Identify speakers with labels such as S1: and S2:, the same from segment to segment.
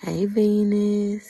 S1: Hey, Venus.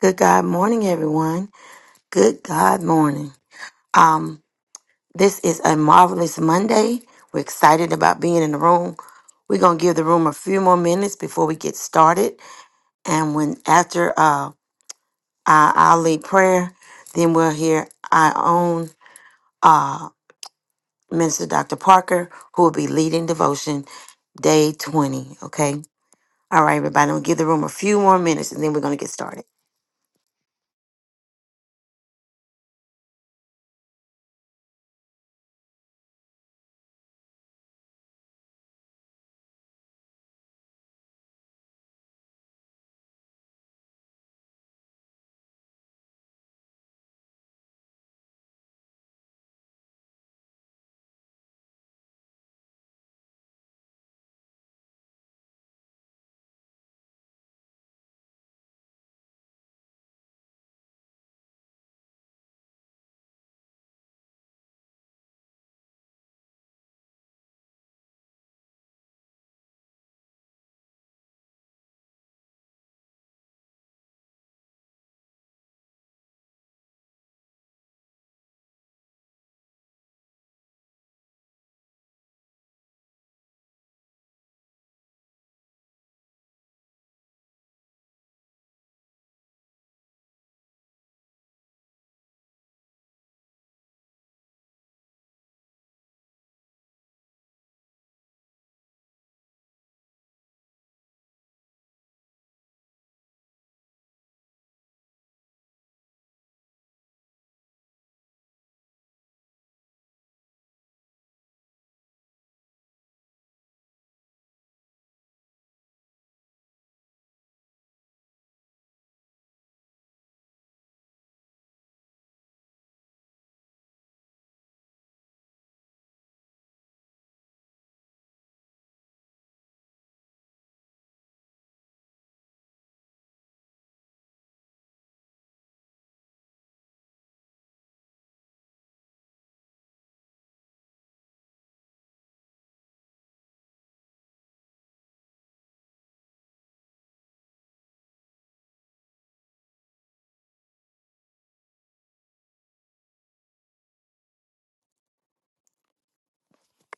S1: Good God morning, everyone. Good God morning. Um, this is a marvelous Monday. We're excited about being in the room. We're gonna give the room a few more minutes before we get started, and when after uh, our, our lead prayer, then we'll hear our own uh, minister, Dr. Parker, who will be leading devotion day twenty. Okay. All right, everybody. We'll give the room a few more minutes, and then we're gonna get started.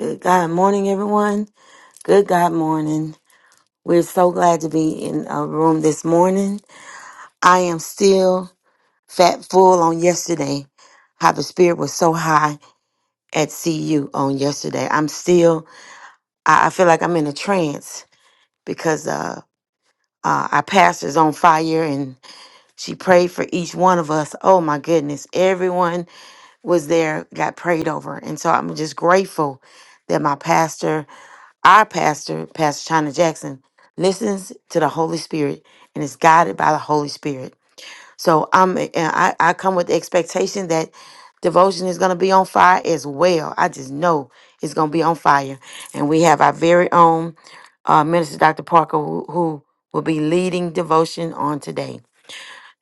S1: Good God morning, everyone. Good God morning. We're so glad to be in a room this morning. I am still fat full on yesterday. How the spirit was so high at CU on yesterday. I'm still, I, I feel like I'm in a trance because uh, uh, our pastor's on fire and she prayed for each one of us. Oh my goodness. Everyone was there, got prayed over. And so I'm just grateful that my pastor Our pastor, Pastor China Jackson, listens to the Holy Spirit and is guided by the Holy Spirit. So I'm and I, I come with the expectation that devotion is gonna be on fire as well. I just know it's gonna be on fire. And we have our very own uh, minister, Dr. Parker, who, who will be leading devotion on today.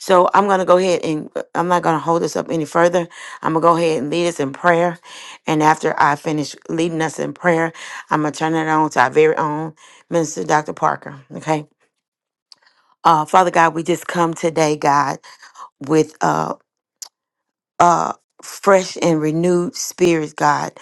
S1: So I'm going to go ahead and uh, I'm not going to hold this up any further. I'm going to go ahead and lead us in prayer. And after I finish leading us in prayer, I'm going to turn it on to our very own Minister Dr. Parker. Okay. Uh, Father God, we just come today, God, with uh, uh, fresh and renewed spirits, God.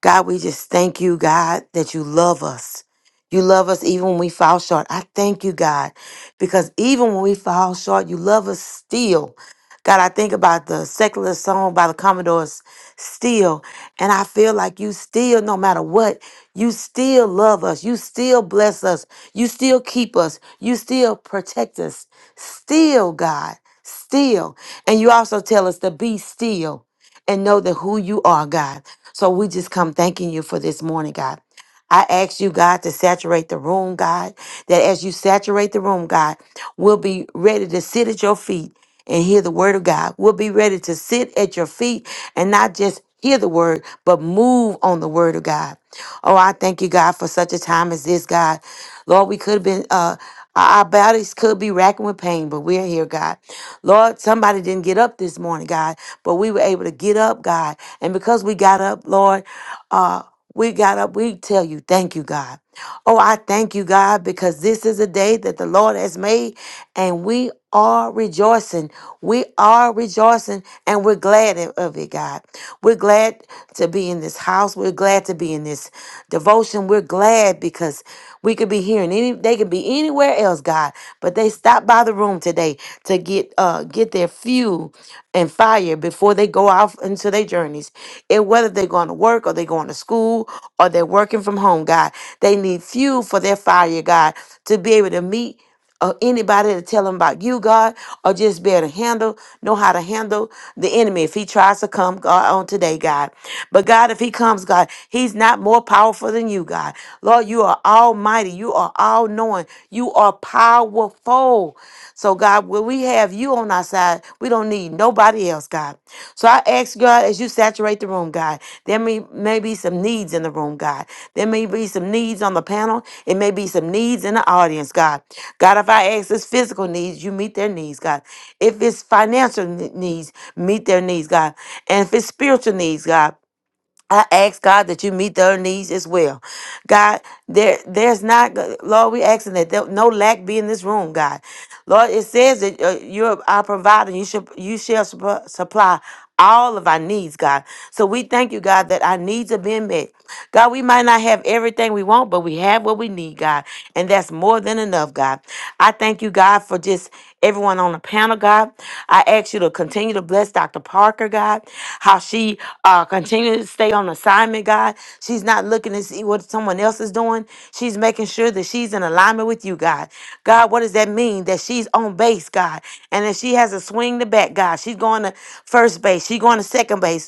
S1: God, we just thank you, God, that you love us. You love us even when we fall short. I thank you, God, because even when we fall short, you love us still. God, I think about the secular song by the Commodores, Still, and I feel like you still, no matter what, you still love us. You still bless us. You still keep us. You still protect us. Still, God, still. And you also tell us to be still and know that who you are, God. So we just come thanking you for this morning, God. I ask you, God, to saturate the room, God, that as you saturate the room, God, we'll be ready to sit at your feet and hear the word of God. We'll be ready to sit at your feet and not just hear the word, but move on the word of God. Oh, I thank you, God, for such a time as this, God. Lord, we could have been, uh, our our bodies could be racking with pain, but we're here, God. Lord, somebody didn't get up this morning, God, but we were able to get up, God. And because we got up, Lord, uh, we got up, we tell you, thank you, God. Oh, I thank you, God, because this is a day that the Lord has made, and we are rejoicing. We are rejoicing, and we're glad of it, God. We're glad to be in this house. We're glad to be in this devotion. We're glad because we could be here, and any they could be anywhere else, God, but they stopped by the room today to get uh get their fuel and fire before they they go out into their journeys, and whether they're going to work or they're going to school or they're working from home, God, they need fuel for their fire, God, to be able to meet or anybody to tell them about you, God, or just be able to handle, know how to handle the enemy if he tries to come God, on today, God. But God, if he comes, God, he's not more powerful than you, God. Lord, you are almighty. You are all knowing. You are powerful. So, God, when we have you on our side, we don't need nobody else, God. So I ask, God, as you saturate the room, God, there may, may be some needs in the room, God. There may be some needs on the panel. It may be some needs in the audience, God. God, if I ask it's physical needs, you meet their needs, God. If it's financial ne- needs, meet their needs, God. And if it's spiritual needs, God. I ask God that you meet their needs as well. God, there there's not Lord, we asking that there, no lack be in this room, God. Lord, it says that uh, you're our provider. You should you shall supp- supply all of our needs, God. So we thank you, God, that our needs are being met. God, we might not have everything we want, but we have what we need, God. And that's more than enough, God. I thank you, God, for just everyone on the panel, God. I ask you want you to continue to bless Dr. Parker, God, how she uh, continues to stay on assignment, God. She's not looking to see what someone else is doing. She's making sure that she's in alignment with you, God. God, what does that mean? That she's on base, God. And if she has a swing to bat, God, she's going to first base. She's going to second base.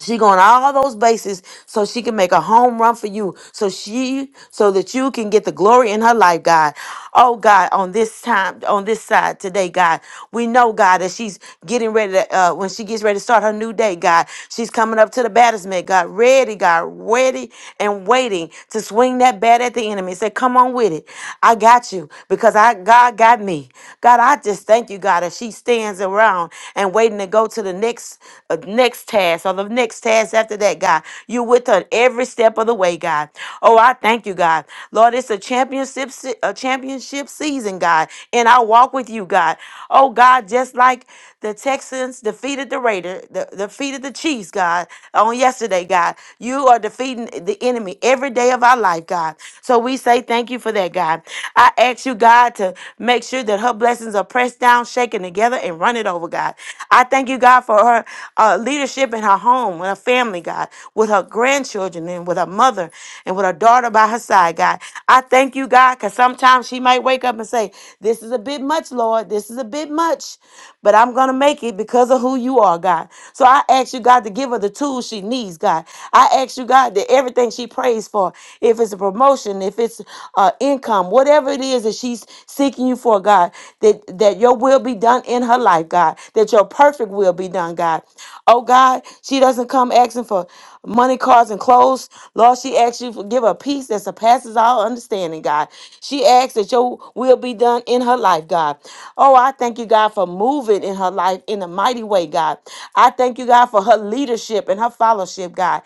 S1: She going all those bases so she can make a home run for you. So she so that you can get the glory in her life, God. Oh God, on this time, on this side today, God. We know, God, that she's getting ready to uh when she gets ready to start her new day, God. She's coming up to the batter's mitt, God, ready, God, ready and waiting to swing that bat at the enemy. Say, come on with it. I got you because I God got me. God, I just thank you, God, that she stands around and waiting to go to the next uh, uh, next task or the next task after that, God. You're with her every step of the way, God. Oh, I thank you, God. Lord, it's a championship se- a championship season, God, and I walk with you, God. Oh, God, just like the Texans defeated the Raiders, the, defeated the Chiefs, God, on yesterday, God. You are defeating the enemy every day of our life, God. So we say thank you for that, God. I ask you, God, to make sure that her blessings are pressed down, shaken together, and run it over, God. I thank thank you, God, for her uh, leadership in her home, with her family, God, with her grandchildren, and with her mother, and with her daughter by her side, God. I thank you, God, because sometimes she might wake up and say, This is a bit much, Lord. This is a bit much, but I'm going to make it because of who you are, God. So I ask you, God, to give her the tools she needs, God. I ask you, God, that everything she prays for, if it's a promotion, if it's uh, income, whatever it is that she's seeking you for, God, that, that your will be done in her life life, God, that your perfect will be done, God. Oh, God, she doesn't come asking for money, cars, and clothes. Lord, she asks you to give her peace that surpasses all understanding, God. She asks that your will be done in her life, God. Oh, I thank you, God, for moving in her life in a mighty way, God. I thank you, God, for her leadership and her fellowship, God.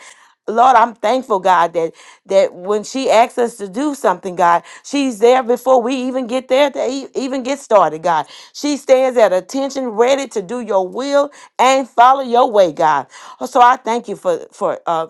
S1: Lord, I'm thankful, God, that that when she asks us to do something, God, she's there before we even get there to e- even get started, God. She stands at attention, ready to do your will and follow your way, God. Oh, So I thank you for for uh,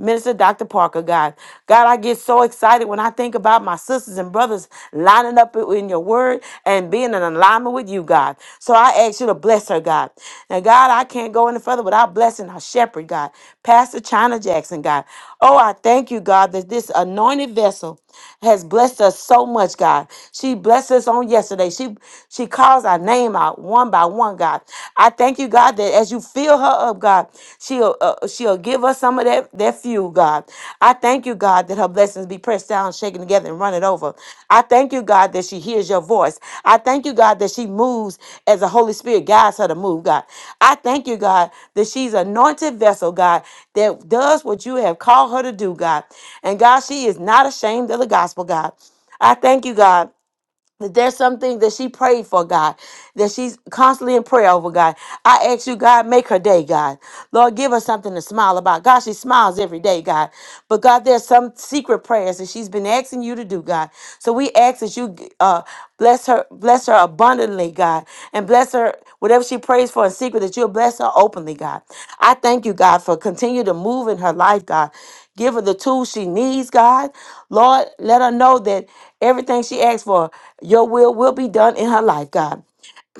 S1: Minister Dr. Parker, God. God, I get so excited when I think about my sisters and brothers lining up in your word and being in alignment with you, God. So I ask you to bless her, God. Now, God, I can't go any further without blessing our shepherd, God. Pastor China Jackson, God. Oh, I thank you, God, that this anointed vessel has blessed us so much, God. She blessed us on yesterday. She she calls our name out one by one, God. I thank you, God, that as you fill her up, God, she uh, uh, she'll give us some of that, that fuel, God. I thank you, God, that her blessings be pressed down, shaken together, and run it over. I thank you, God, that she hears your voice. I thank you, God, that she moves as the Holy Spirit guides her to move, God. I thank you, God, that she's an anointed vessel, God, that does what you have called her to do, God. And God, she is not ashamed of the gospel, God. I thank you, God that there's some things that she prayed for, God, that she's constantly in prayer over, God. I ask you, God, make her day, God. Lord, give her something to smile about. God, she smiles every day, God. But God, there's some secret prayers that she's been asking you to do, God. So we ask that you uh, bless her, bless her abundantly, God, and bless her whatever she prays for in secret, that you'll bless her openly, God. I thank you, God, for continue to move in her life, God. Give her the tools she needs, God. Lord, let her know that everything she asks for, your will will be done in her life, God.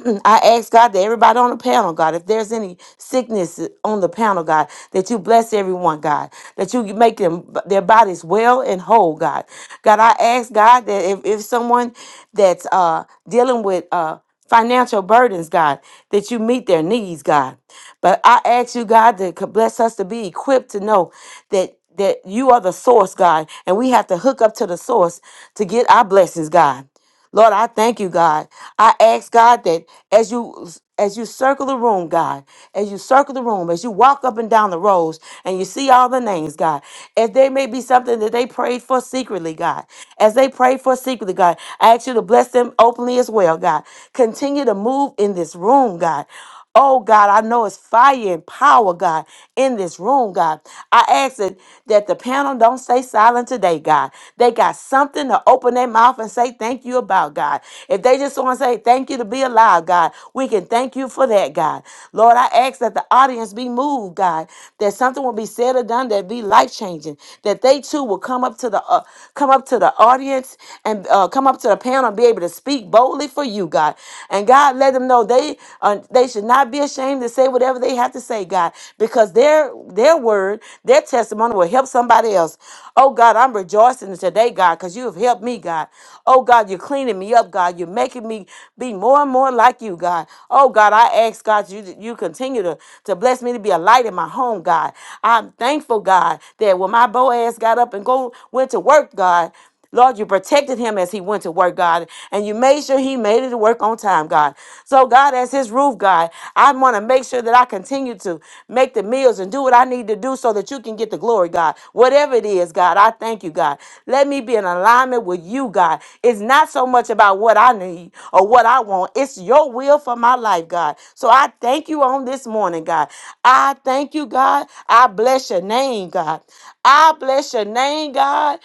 S1: I ask God that everybody on the panel, God, if there's any sickness on the panel, God, that you bless everyone, God, that you make them their bodies well and whole, God. God, I ask God that if, if someone that's uh dealing with uh financial burdens, God, that you meet their needs, God. But I ask you, God, to co- bless us to be equipped to know that that you are the source, God, and we have to hook up to the source to get our blessings, God. Lord, I thank you, God. I ask God that as you as you circle the room, God, as you circle the room, as you walk up and down the rows and you see all the names, God, if there may be something that they prayed for secretly, God, as they prayed for secretly, God, I ask you to bless them openly as well, God. Continue to move in this room, God. Oh God, I know it's fire and power, God, in this room, God. I ask that, that the panel don't stay silent today, God. They got something to open their mouth and say thank you about, God. If they just want to say thank you to be alive, God, we can thank you for that, God. Lord, I ask that the audience be moved, God, that something will be said or done that be life changing, that they too will come up to the uh, come up to the audience and uh, come up to the panel and be able to speak boldly for you, God. God. And God, let them know they uh, they should not be ashamed to say whatever they have to say, God, because their their word, their testimony will help somebody else. Oh God, I'm rejoicing today, God, because you have helped me, God. Oh God, you're cleaning me up, God. You're making me be more and more like you, God. Oh God, I ask God you you continue to, to bless me to be a light in my home, God. I'm thankful, God, that when my Boaz got up and go went to work, God. Lord, you protected him as he went to work, God, and you made sure he made it to work on time, God. So, God, as his roof, God, I want to make sure that I continue to make the meals and do what I need to do so that you can get the glory, God. Whatever it is, God, I thank you, God. Let me be in alignment with you, God. It's not so much about what I need or what I want, it's your will for my life, God. So, I thank you on this morning, God. I thank you, God. I bless your name, God. I bless your name, God.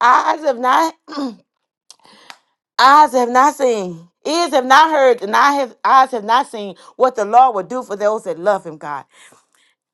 S1: Eyes have not eyes have not seen, ears have not heard, and I have eyes have not seen what the Lord will do for those that love him, God.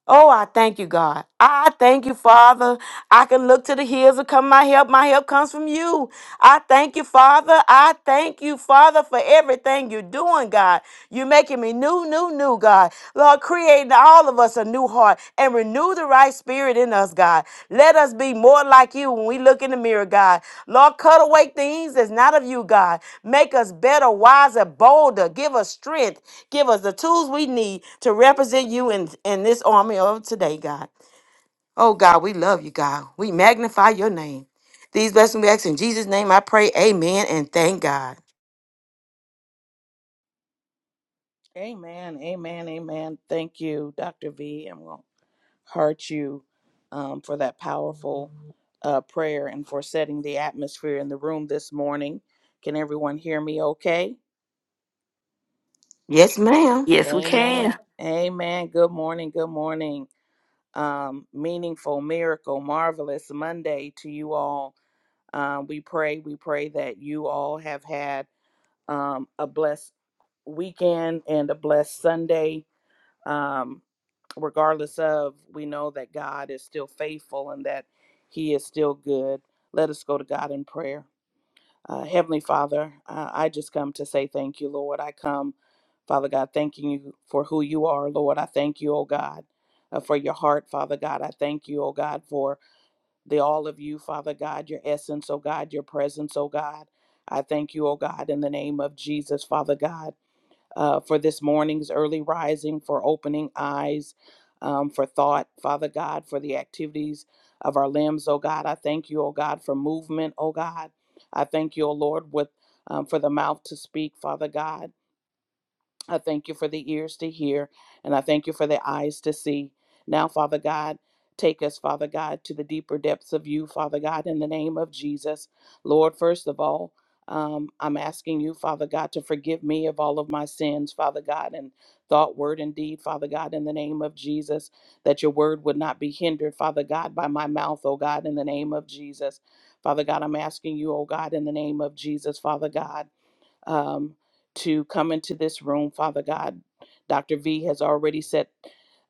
S1: Oh, I thank you, God. I thank you, Father. I can look to the hills and come my help. My help comes from you. I thank you, Father. I thank you, Father, for everything you're doing, God. You're making me new, new, new, God. Lord, creating all of us a new heart Renew the right spirit in us, God. Let us be more like you when we look in the mirror, God. Lord, cut away things that's not of you, God. Make us better, wiser, bolder. Give us strength. Give us the tools we need to represent you in, in this army of today, God. Oh, God, we love you, God. We magnify your name. These blessings we ask in Jesus' name. I pray, amen, and thank God.
S2: Amen. Amen. Amen. Thank you, Dr. V. I'm going to heart you um, for that powerful uh, prayer and for setting the atmosphere in the room this morning. Can everyone hear me okay?
S1: Yes, ma'am.
S3: Yes, we can.
S2: Amen. Amen. Good morning. Good morning. Um, meaningful, miracle, marvelous Monday to you all. Um, we pray, we pray that you all have had um, a blessed weekend and a blessed Sunday um, regardless of, we know that God is still faithful and that He is still good. Let us go to God in prayer. Uh, Heavenly Father, uh, I just come to say thank you, Lord. I come, Father God, thanking you for who you are, Lord. I thank you, oh God, uh, for your heart, Father God. I thank you, oh God, for the all of you, Father God, your essence, oh God, your presence, oh God. I thank you, oh God, in the name of Jesus, Father God uh, for this morning's early rising, for opening eyes, um, for thought, Father God, for the activities of our limbs, oh God. I thank you, oh God, for movement, oh God. I thank you, oh Lord, with um, for the mouth to speak, Father God. I thank you for the ears to hear, and I thank you for the eyes to see. Now, Father God, take us, Father God, to the deeper depths of you, Father God, in the name of Jesus. Lord, first of all, um, I'm asking you, Father God, to forgive me of all of my sins, Father God, In thought, word, and deed, Father God, in the name of Jesus, that your word would not be hindered, Father God, by my mouth, oh God, in the name of Jesus. Father God, I'm asking you, oh God, in the name of Jesus, Father God um, to come into this room. Father God, Dr. V has already set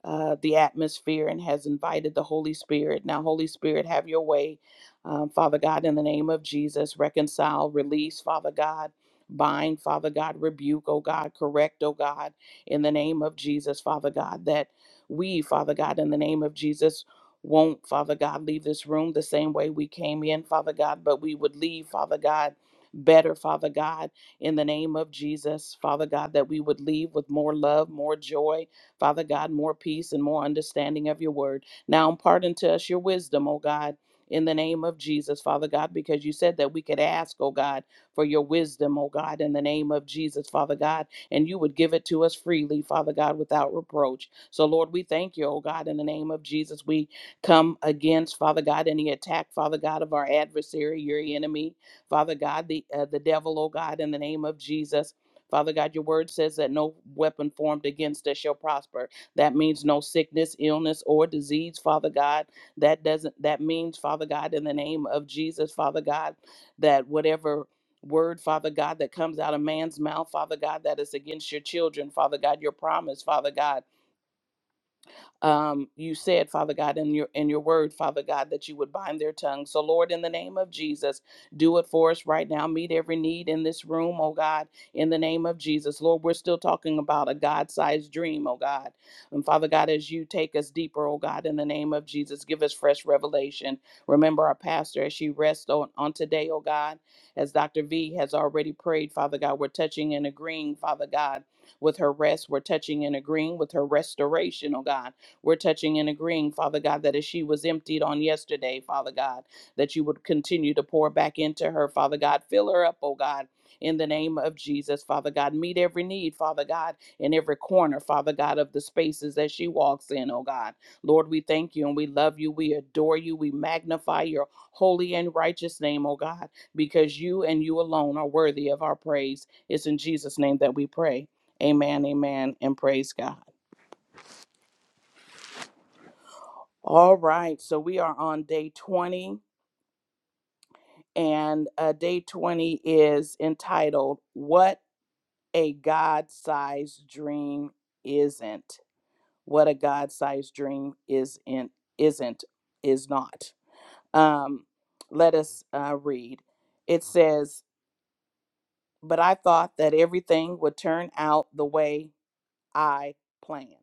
S2: uh, the atmosphere and has invited the Holy Spirit. Now, Holy Spirit, have your way. Um, Father God, in the name of Jesus, reconcile, release, Father God. Bind, Father God, rebuke, oh God, correct, oh God, in the name of Jesus, Father God, that we, Father God, in the name of Jesus, won't, Father God, leave this room the same way we came in, Father God, but we would leave, Father God, better, Father God in the name of Jesus, Father God, that we would leave with more love, more joy, Father God, more peace and more understanding of your word. Now impart unto us your wisdom, O God. In the name of Jesus, Father God, because you said that we could ask, O God, for your wisdom, O God, in the name of Jesus, Father God, and you would give it to us freely, Father God, without reproach. So, Lord, we thank you, O God, in the name of Jesus. We come against, Father God, any attack, Father God, of our adversary, your enemy. Father God, the uh, the devil, oh God, in the name of Jesus. Father God, your word says that no weapon formed against us shall prosper. That means no sickness, illness, or disease, Father God. That doesn't that means, Father God, in the name of Jesus, Father God, that whatever word, Father God, that comes out of man's mouth, Father God, that is against your children, Father God, your promise, Father God um, you said, Father God, in your in your word, Father God, that you would bind their tongues. So, Lord, in the name of Jesus, do it for us right now. Meet every need in this room, oh God, in the name of Jesus. Lord, we're still talking about a God-sized dream, oh God. And Father God, as you take us deeper, oh God, in the name of Jesus, give us fresh revelation. Remember our pastor as she rests on, on today, oh God, as Dr. V has already prayed, Father God, we're touching and agreeing, Father God, with her rest. We're touching and agreeing with her restoration, oh God. We're touching and agreeing, Father God, that as she was emptied on yesterday, Father God, that you would continue to pour back into her, Father God. Fill her up, oh God. In the name of Jesus, Father God, meet every need, Father God, in every corner, Father God, of the spaces that she walks in, oh God. Lord, we thank you and we love you. We adore you. We magnify your holy and righteous name, oh God, because you and you alone are worthy of our praise. It's in Jesus' name that we pray. Amen, amen, and praise God. All right, so we are on day 20, and uh, day 20 is entitled What a God Sized Dream Isn't. What a God Sized Dream Isn't, isn't, is not. Um, let us uh, read. It says, But I thought that everything would turn out the way I planned,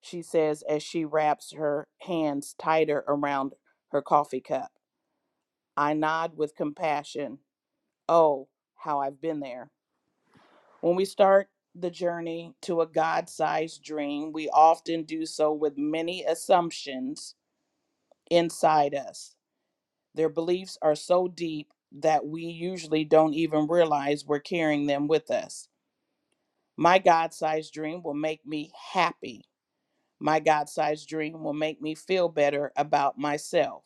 S2: she says as she wraps her hands tighter around her coffee cup. I nod with compassion. Oh, how I've been there. When we start the journey to a God sized dream, we often do so with many assumptions inside us. Their beliefs are so deep that we usually don't even realize we're carrying them with us. My God sized dream will make me happy. My God sized dream will make me feel better about myself.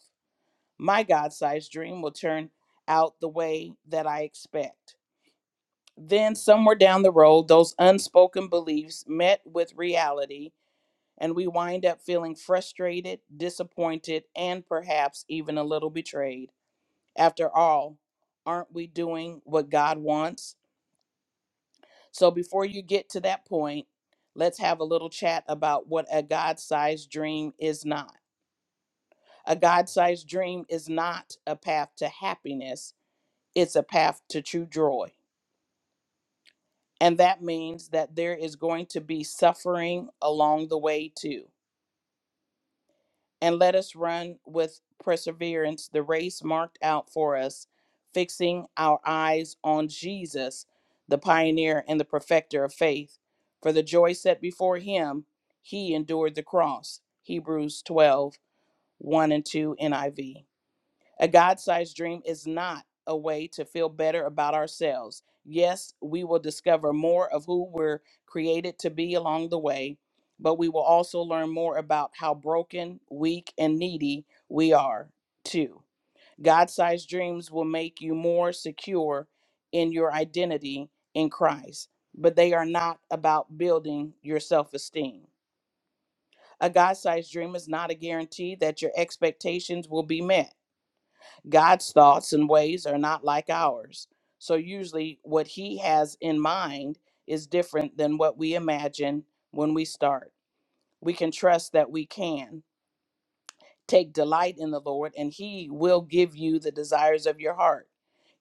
S2: My God sized dream will turn out the way that I expect. Then, somewhere down the road, those unspoken beliefs met with reality, and we wind up feeling frustrated, disappointed, and perhaps even a little betrayed. After all, aren't we doing what God wants? So, before you get to that point, let's have a little chat about what a God sized dream is not. A God sized dream is not a path to happiness, it's a path to true joy. And that means that there is going to be suffering along the way, too. And let us run with perseverance the race marked out for us, fixing our eyes on Jesus, the pioneer and the perfecter of faith. For the joy set before him, he endured the cross. Hebrews 12 one and 2 NIV. A God sized dream is not a way to feel better about ourselves. Yes, we will discover more of who we're created to be along the way, but we will also learn more about how broken, weak, and needy we are, too. God sized dreams will make you more secure in your identity in Christ, but they are not about building your self esteem. A God sized dream is not a guarantee that your expectations will be met God's thoughts and ways are not like ours. So usually what he has in mind is different than what we imagine when we start. We can trust that we can take delight in the Lord and he will give you the desires of your heart.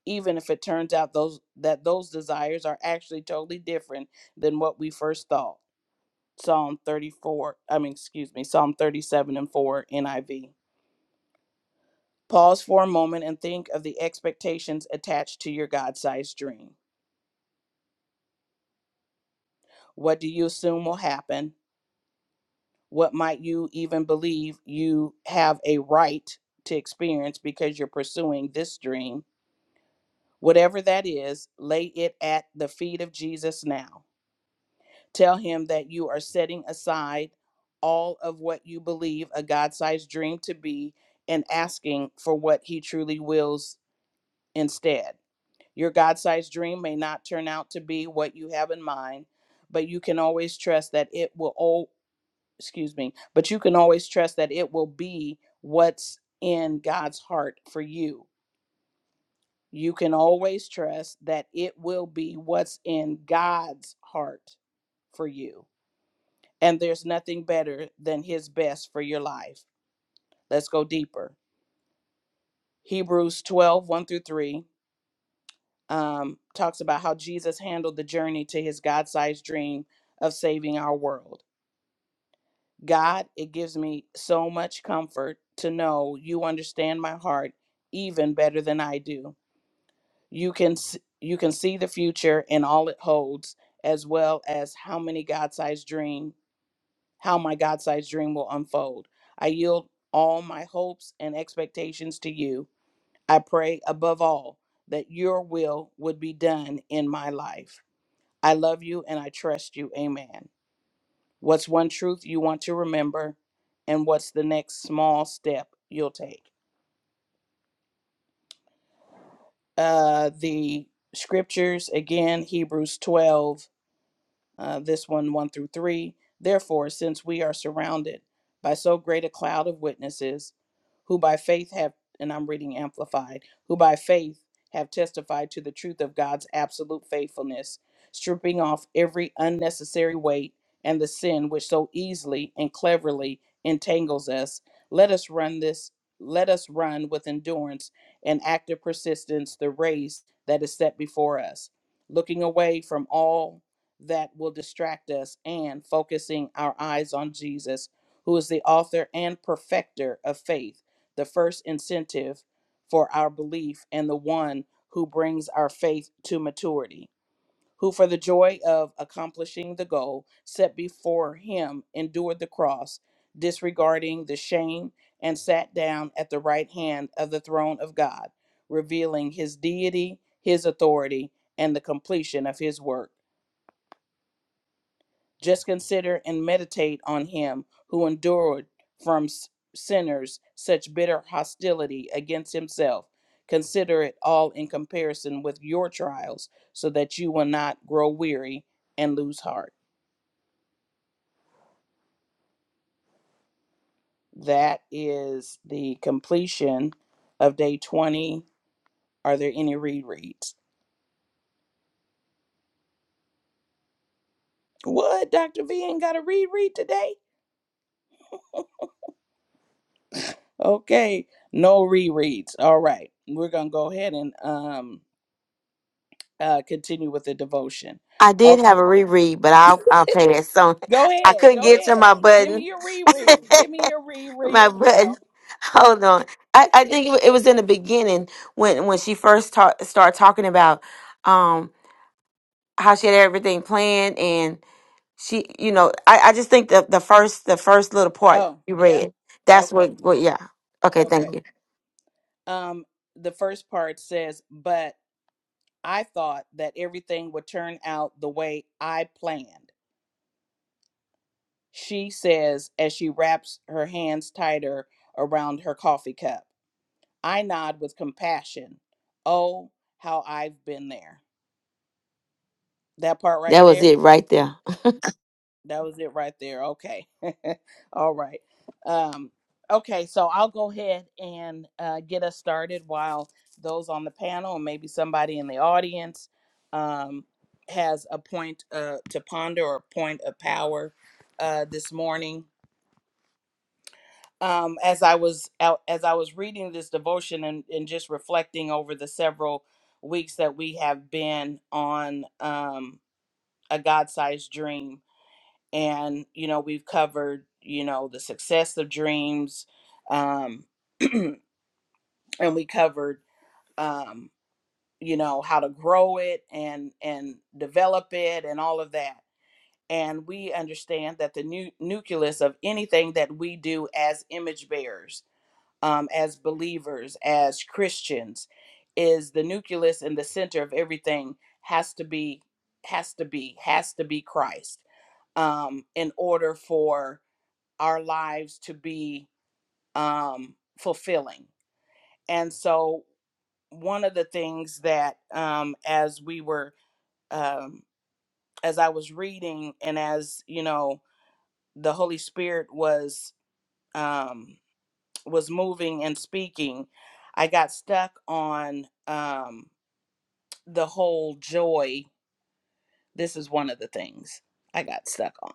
S2: Even if it turns out those that those desires are actually totally different than what we first thought. Psalm 34, I mean excuse me, Psalm 37 and 4 NIV. Pause for a moment and think of the expectations attached to your God sized dream. What do you assume will happen? What might you even believe you have a right to experience because you're pursuing this dream? Whatever that is, lay it at the feet of Jesus now. Tell him that you are setting aside all of what you believe a God sized dream to be and asking for what he truly wills instead. Your God sized dream may not turn out to be what you have in mind, but you can always trust that it will, oh, excuse me, but you can always trust that it will be what's in God's heart for you. You can always trust that it will be what's in God's heart for you. And there's nothing better than His best for your life. Let's go deeper. Hebrews twelve one through 3 um, talks about how Jesus handled the journey to his God sized dream of saving our world. God, it gives me so much comfort to know you understand my heart even better than I do. You can s- you can see the future and all it holds, as well as how many God-sized dream, how my God-sized dream will unfold. I yield all my hopes and expectations to you. I pray above all that your will would be done in my life. I love you and I trust you. Amen. What's one truth you want to remember? And what's the next small step you'll take? Uh, the scriptures, again, Hebrews 12. uh, this one, 1 through 3. Therefore, since we are surrounded by so great a cloud of witnesses, who by faith have, and I'm reading Amplified, who by faith have testified to the truth of God's absolute faithfulness, stripping off every unnecessary weight and the sin which so easily and cleverly entangles us, let us run this, let us run with endurance and active persistence the race that is set before us, looking away from all that will distract us and focusing our eyes on Jesus, who is the author and perfecter of faith, the first incentive for our belief, and the one who brings our faith to maturity, who for the joy of accomplishing the goal set before him endured the cross, disregarding the shame, and sat down at the right hand of the throne of God, revealing his deity, his authority, and the completion of his work. Just consider and meditate on him who endured from sinners such bitter hostility against himself. Consider it all in comparison with your trials, so that you will not grow weary and lose heart. That is the completion of day 20. Are there any rereads? What? Dr. V ain't got a reread today? Okay, no rereads. All right, we're going to go ahead and um, uh, continue with the devotion.
S1: I did
S2: Oh,
S1: have a reread, but I'll, I'll pass on.
S2: go
S1: I
S2: ahead,
S1: couldn't
S2: go
S1: get to
S2: ahead.
S1: my
S2: Give me
S1: button.
S2: your reread. Give me your
S1: my
S2: reread,
S1: button.
S2: girl.
S1: Hold on. I, I think it wa- it was in the beginning when when she first ta- started talking about um how she had everything planned and she you know I, I just think the the first the first little part
S2: Oh,
S1: you
S2: yeah.
S1: read that's
S2: Okay,
S1: what what yeah okay
S2: okay.
S1: thank you
S2: Um, the first part says, "But I thought that everything would turn out the way I planned." She says as she wraps her hands tighter around her coffee cup. I nod with compassion. Oh, how I've been there. That part
S1: that
S2: right
S1: was
S2: there.
S1: it right there.
S2: That was it right there. Okay. All right. Um, okay, so I'll go ahead and uh, get us started while those on the panel and maybe somebody in the audience um, has a point uh, to ponder or a point of power uh, this morning. Um, as I was out, as I was reading this devotion and, and just reflecting over the several weeks that we have been on um, a God-sized dream, and you know we've covered you know the success of dreams um and we covered um you know how to grow it and and develop it and all of that and we understand that the nu- nucleus of anything that we do as image bearers um as believers as christians is the nucleus and the center of everything has to be has to be has to be christ um in order for our lives to be um, fulfilling. And so, one of the things that, um, as we were, um, as I was reading, and as you know, the Holy Spirit was um, was moving and speaking, I got stuck on um, the whole joy. This is one of the things I got stuck on.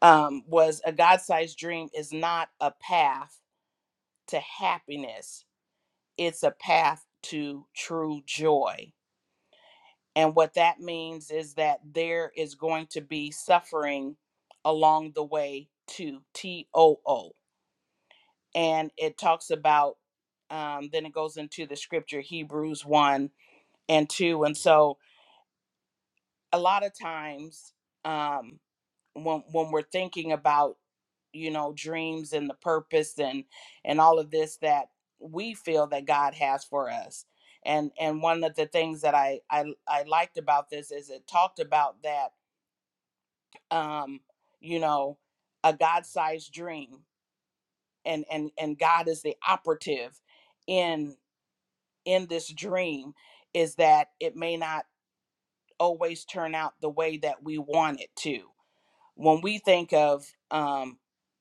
S2: Um, was a God-sized dream is not a path to happiness it's a path to true joy. And what that means is that there is going to be suffering along the way to T O O. And it talks about, um, then it goes into the scripture, Hebrews 1 and 2. And so, a lot of times um when when we're thinking about you know dreams and the purpose and and all of this that we feel that God has for us and and one of the things that I I, I liked about this is it talked about that um you know a God-sized dream and and and God is the operative in in this dream is that it may not always turn out the way that we want it to when we think of um,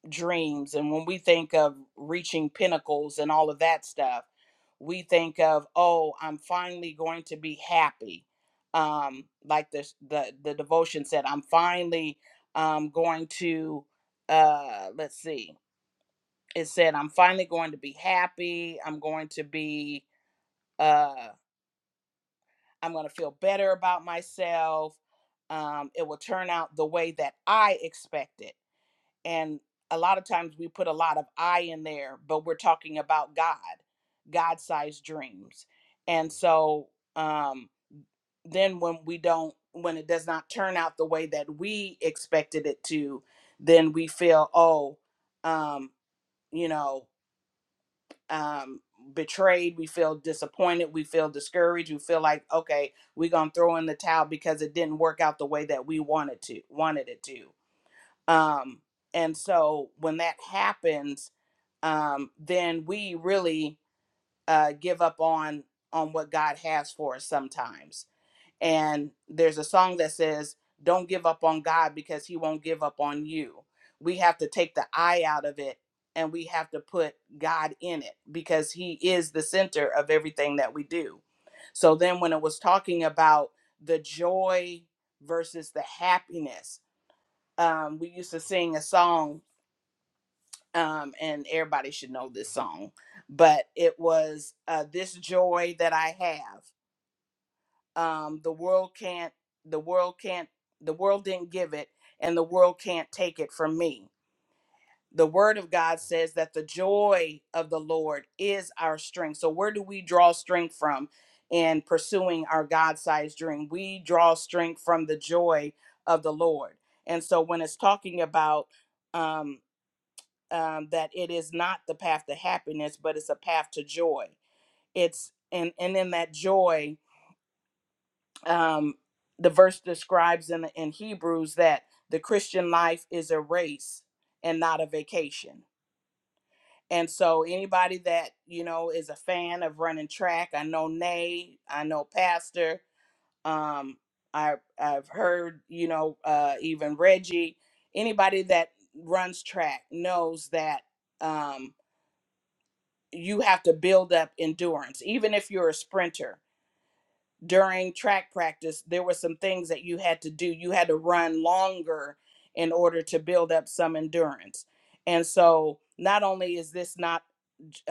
S2: dreams and when we think of reaching pinnacles and all of that stuff, we think of, oh, I'm finally going to be happy. Um, like this, the, the devotion said, I'm finally um, going to, uh, let's see, it said, I'm finally going to be happy. I'm going to be, uh, I'm going to feel better about myself. Um, it will turn out the way that I expect it and a lot of times we put a lot of i in there but we're talking about god god-sized dreams and so um then when we don't when it does not turn out the way that we expected it to then we feel oh um you know um betrayed we feel disappointed we feel discouraged we feel like okay we're gonna throw in the towel because it didn't work out the way that we wanted to wanted it to um and so when that happens um, then we really uh, give up on on what God has for us sometimes. And there's a song that says, "Don't give up on God because He won't give up on you." We have to take the I out of it, and we have to put God in it because He is the center of everything that we do. So then, when it was talking about the joy versus the happiness, um, we used to sing a song um, and everybody should know this song, but it was uh, this joy that I have. Um, the world can't, the world can't, the world didn't give it, and the world can't take it from me. The word of God says that the joy of the Lord is our strength. So, where do we draw strength from in pursuing our God sized dream? We draw strength from the joy of the Lord. And so, when it's talking about, um, um, that it is not the path to happiness, but it's a path to joy. It's and and in that joy, um, the verse describes in in Hebrews that the Christian life is a race and not a vacation. And so, anybody that you know is a fan of running track, I know Nay, I know Pastor. Um, I I've heard you know uh, even Reggie. Anybody that runs track knows that. Um, you have to build up endurance even if you're a sprinter during track practice there were some things that you had to do you had to run longer in order to build up some endurance and so not only is this not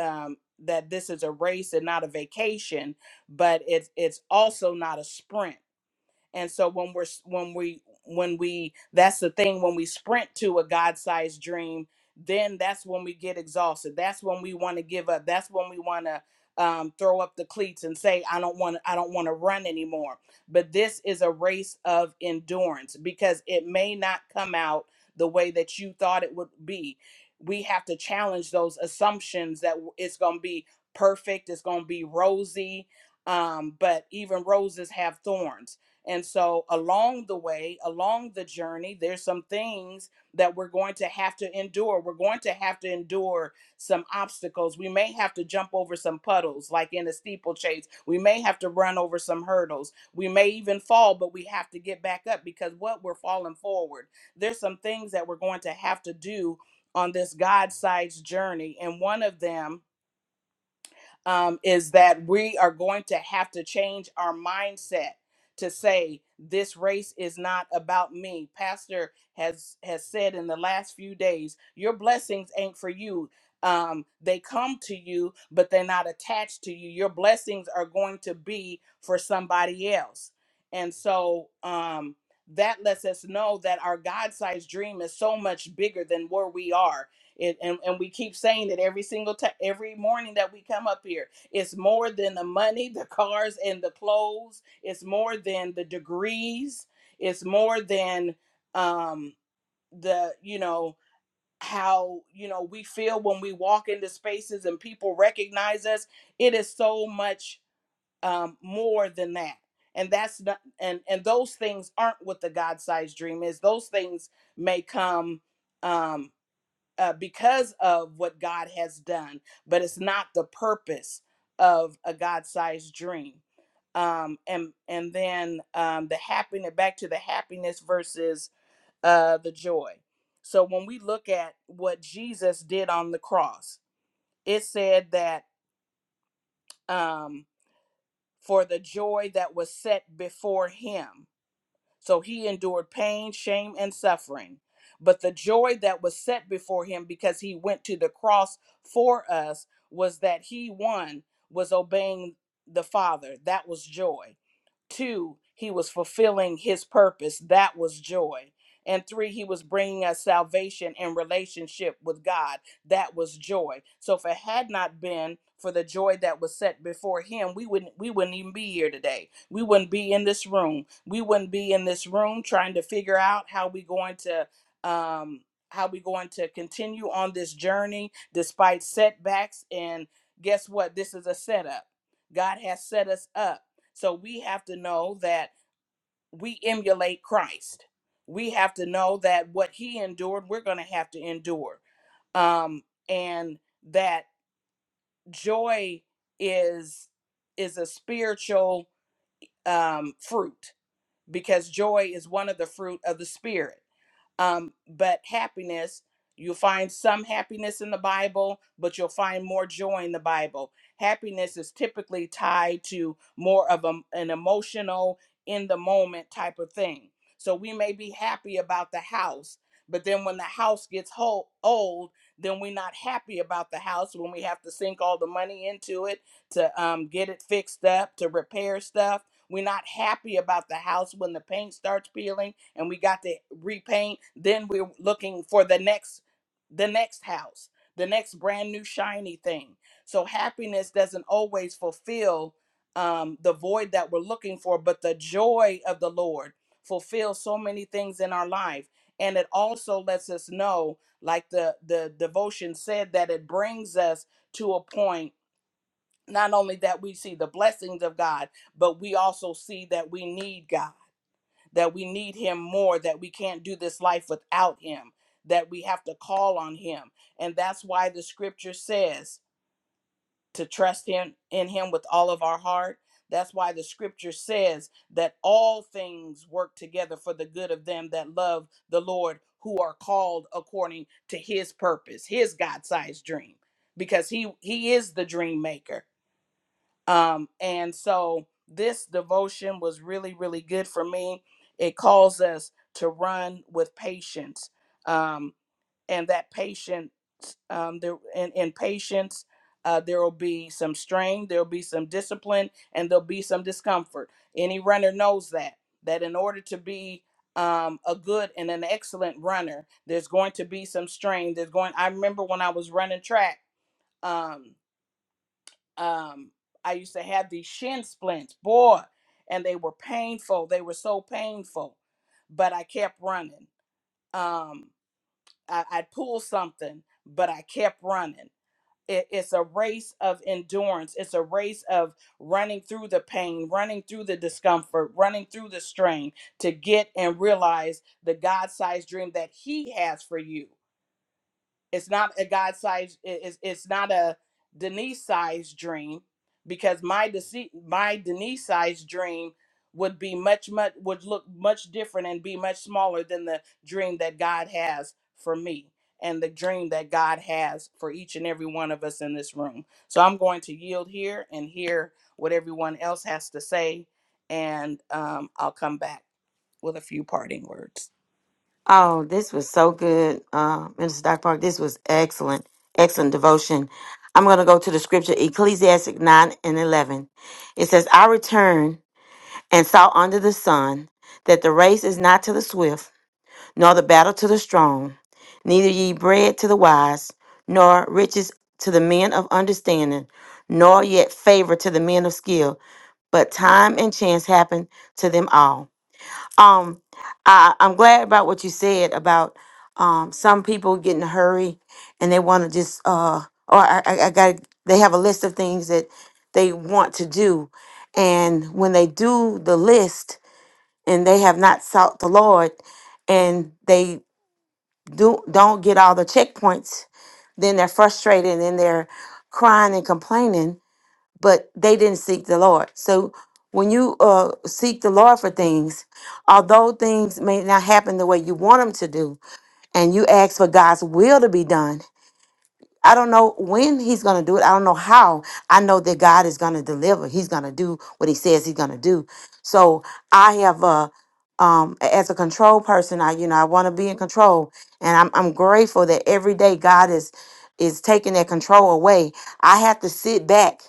S2: um, that this is a race and not a vacation but it's it's also not a sprint and so when we're s- when we when we that's the thing when we sprint to a God-sized dream, then that's when we get exhausted. That's when we want to give up. That's when we want to um, throw up the cleats and say, "I don't want I don't want to run anymore." But this is a race of endurance because it may not come out the way that you thought it would be. We have to challenge those assumptions that w- it's going to be perfect, it's going to be rosy, um, but even roses have thorns and so, along the way, along the journey, there's some things that we're going to have to endure. We're going to have to endure some obstacles. We may have to jump over some puddles, like in a steeplechase. We may have to run over some hurdles. We may even fall, but we have to get back up because what we're falling forward, there's some things that we're going to have to do on this God sized journey. And one of them, um, is that we are going to have to change our mindset to say this race is not about me pastor has has said in the last few days your blessings ain't for you um, they come to you but they're not attached to you your blessings are going to be for somebody else and so um, that lets us know that our god-sized dream is so much bigger than where we are it, and, and we keep saying that every single time, every morning that we come up here, it's more than the money, the cars, and the clothes. It's more than the degrees. It's more than um, the, you know, how, you know, we feel when we walk into spaces and people recognize us. It is so much um, more than that. And that's not, and and those things aren't what the God-sized dream is. Those things may come. um, uh, because of what God has done, but it's not the purpose of a God-sized dream. Um, and and then um, the happiness back to the happiness versus uh, the joy. So when we look at what Jesus did on the cross, it said that um, for the joy that was set before him. So he endured pain, shame, and suffering. But the joy that was set before him because he went to the cross for us was that he, one, was obeying the Father. That was joy. Two, he was fulfilling his purpose. That was joy. And three, he was bringing us salvation and relationship with God. That was joy. So if it had not been for the joy that was set before him, we wouldn't we wouldn't even be here today. We wouldn't be in this room. We wouldn't be in this room trying to figure out how we going to um how we going to continue on this journey despite setbacks and guess what? This is a setup. God has set us up so we have to know that we emulate Christ. We have to know that what he endured, we're going to have to endure. Um, and that joy is is a spiritual um, fruit because joy is one of the fruit of the spirit. Um, but happiness, you'll find some happiness in the Bible, but you'll find more joy in the Bible. Happiness is typically tied to more of a, an emotional, in the moment type of thing. So we may be happy about the house, but then when the house gets whole, old, then we're not happy about the house when we have to sink all the money into it to um, get it fixed up, to repair stuff. We're not happy about the house when the paint starts peeling and we got to repaint then we're looking for the next the next house the next brand new shiny thing so happiness doesn't always fulfill um, the void that we're looking for but the joy of the lord fulfills so many things in our life and it also lets us know like the the devotion said that it brings us to a point not only that we see the blessings of god but we also see that we need god that we need him more, that we can't do this life without him, that we have to call on him. And that's why the scripture says to trust him in him with all of our heart. That's why the scripture says that all things work together for the good of them that love the Lord, who are called according to his purpose, his God-sized dream, because he he is the dream maker um, and so this devotion was really, really good for me. It calls us to run with patience, um, and that patience, um, there in, in patience, uh, there will be some strain, there will be some discipline, and there'll be some discomfort. Any runner knows that that in order to be um, a good and an excellent runner, there's going to be some strain. There's going. I remember when I was running track. Um, um, I used to have these shin splints, boy, and they were painful. They were so painful, but I kept running. Um, I, I'd pull something, but I kept running. It, it's a race of endurance. It's a race of running through the pain, running through the discomfort, running through the strain to get and realize the God sized dream that He has for you. It's not a God size. It's it's not a Denise size dream because my dece- my Denise size dream would be much much would look much different and be much smaller than the dream that God has for me and the dream that God has for each and every one of us in this room. So I'm going to yield here and hear what everyone else has to say, and um, I'll come back with a few parting words.
S1: Oh, this was so good, uh, Minister Doc Park. This was excellent, excellent devotion. I'm going to go to the scripture Ecclesiastic nine and eleven. It says, "I return." and saw under the sun that the race is not to the swift, nor the battle to the strong, neither ye bread to the wise, nor riches to the men of understanding, nor yet favor to the men of skill, but time and chance happened to them all. Um, I, I'm glad about what you said about um, some people get in a hurry and they want to just, uh, or I, I I got, they have a list of things that they want to do. And when they do the list, and they have not sought the Lord and they do don't get all the checkpoints, then they're frustrated and then they're crying and complaining, but they didn't seek the Lord. So when you uh, seek the Lord for things, although things may not happen the way you want them to do, and you ask for God's will to be done, I don't know when he's going to do it. I don't know how. I know that God is going to deliver. He's going to do what he says he's going to do. So I have uh um, a- as a control person, I you know I want to be in control, and I'm I'm grateful that every day God is is taking that control away. I have to sit back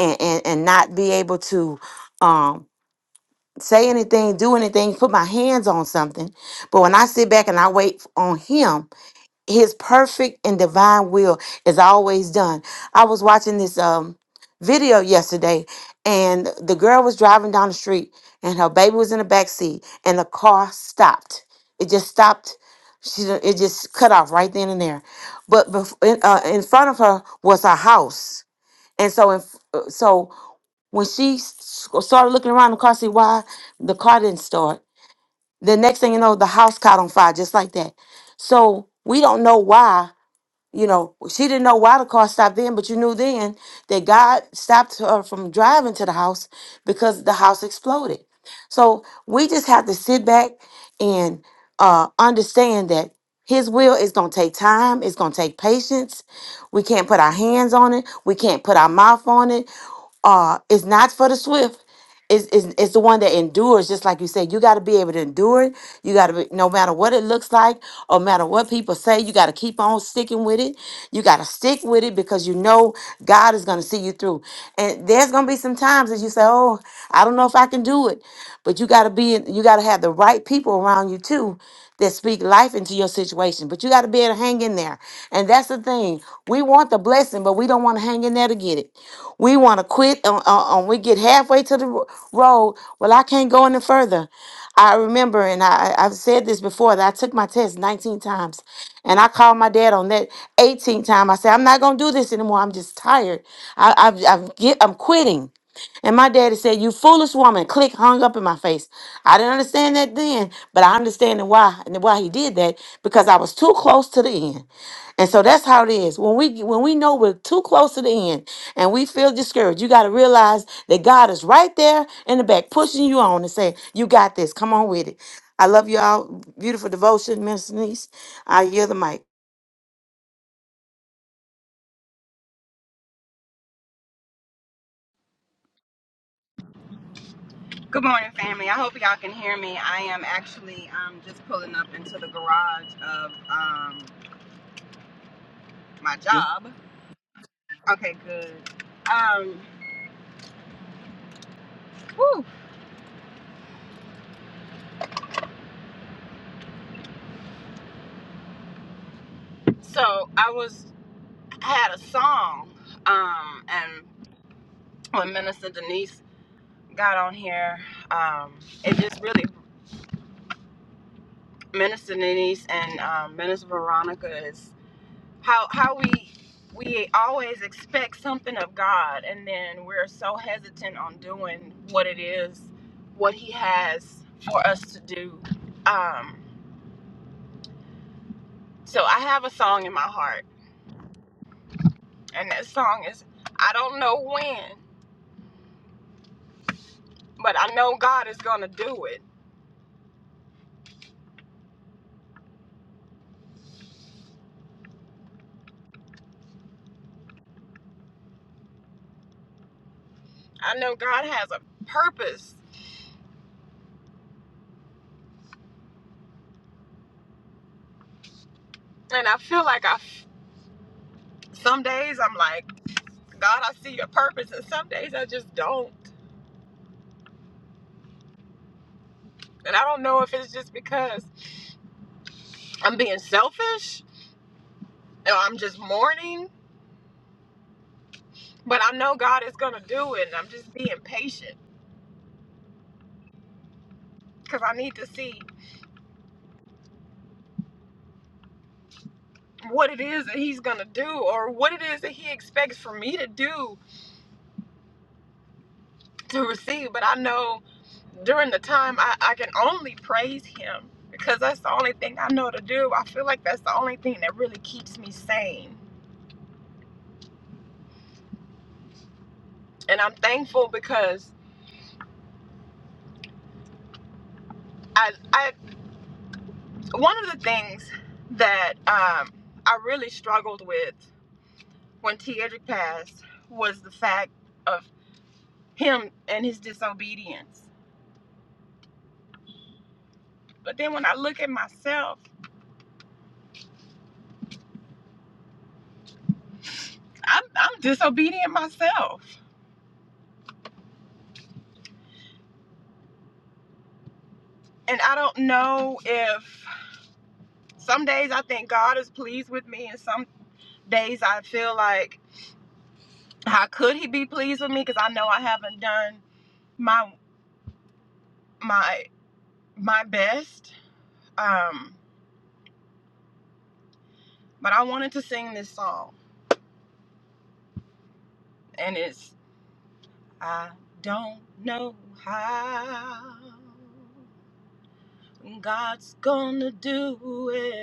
S1: and and, and not be able to um, say anything, do anything, put my hands on something. But when I sit back and I wait on Him, his perfect and divine will is always done. I was watching this um video yesterday and the girl was driving down the street and her baby was in the back seat and the car stopped. It just stopped. She d- it just cut off right then and there. But bef- in, uh, in front of her was her house. And so in, f- uh, so when she s- started looking around the car see why the car didn't start. The next thing you know the house caught on fire just like that. So we don't know why you know, she didn't know why the car stopped then, but you knew then that God stopped her from driving to the house because the house exploded. So we just have to sit back and uh, understand that His will is going to take time, it's going to take patience. We can't put our hands on it, we can't put our mouth on it. Uh, it's not for the swift, it's, it's, it's the one that endures, just like you said. You got to be able to endure it. You got to be, no matter what it looks like, or matter what people say, you got to keep on sticking with it. You got to stick with it because you know God is going to see you through. And there's going to be some times that you say, "Oh, I don't know if I can do it," but you got to be, in- you got to have the right people around you too that speak life into your situation. But you got to be able to hang in there. And that's the thing. We want the blessing, but we don't want to hang in there to get it. We want to quit on, on, on- we get halfway to the ro- road. Well, I can't go any further. I remember, and I, I- I've said this before, that I took my test 19 times. And I called my dad on that 18th time. I said, I'm not going to do this anymore. I'm just tired. I, I, I'm, get, I'm quitting. And my daddy said, You foolish woman, click hung up in my face. I didn't understand that then, but I understand why and why he did that because I was too close to the end. And so that's how it is. When we when we know we're too close to the end and we feel discouraged, you got to realize that God is right there in the back pushing you on and saying, "You got this. Come on with it." I love y'all. Beautiful devotion, Miss Denise. I hear the mic.
S4: Good morning, family. I hope y'all can hear me. I am actually um, just pulling up into the garage of um, my
S2: you.
S4: job. Okay, good. Um, whew. So I was I had a song, um, and when Minister Denise got on here, um, it just really Minister Denise and um, Minister Veronica is how how we we always expect something of God and then we're so hesitant on doing what it is what he has for us to do um so I have a song in my heart and that song is I don't know when but I know God is going to do it I know God has a purpose and I feel like I some days I'm like God I see your purpose and some days I just don't and I don't know if it's just because I'm being selfish No, I'm just mourning, but I know God is going to do it. And I'm just being patient because I need to see what it is that He's going to do or what it is that He expects for me to do to receive. But I know during the time, I, I can only praise Him because that's the only thing I know to do. I feel like that's the only thing that really keeps me sane. And I'm thankful because I, I one of the things that um, I really struggled with when T. Edric passed was the fact. of him and his disobedience. But then when I look at myself, I'm, I'm disobedient myself. And I don't know if some days I think God is pleased with me, and some days I feel like, how could He be pleased with me? Because I know I haven't done my my my best. Um, but I wanted to sing this song, and it's I don't know how God's gonna do it.